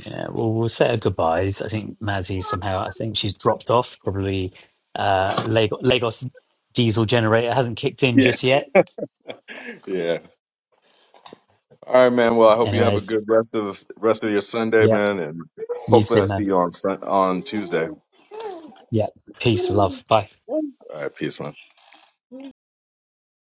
Speaker 2: yeah, we'll we'll say our goodbyes. I think Mazzy somehow I think she's dropped off. Probably uh, Lagos, Lagos diesel generator hasn't kicked in
Speaker 4: Yeah.
Speaker 2: just yet.
Speaker 4: Yeah. All right, man. Well, I hope you have a
Speaker 2: Anyways,
Speaker 4: good rest of rest of your Sunday,
Speaker 2: yeah,
Speaker 4: man, and
Speaker 2: you
Speaker 4: hopefully
Speaker 2: too,
Speaker 4: I see
Speaker 2: man.
Speaker 4: you on Sun on Tuesday. All
Speaker 2: Yeah, peace, love, bye.
Speaker 4: right, peace, man.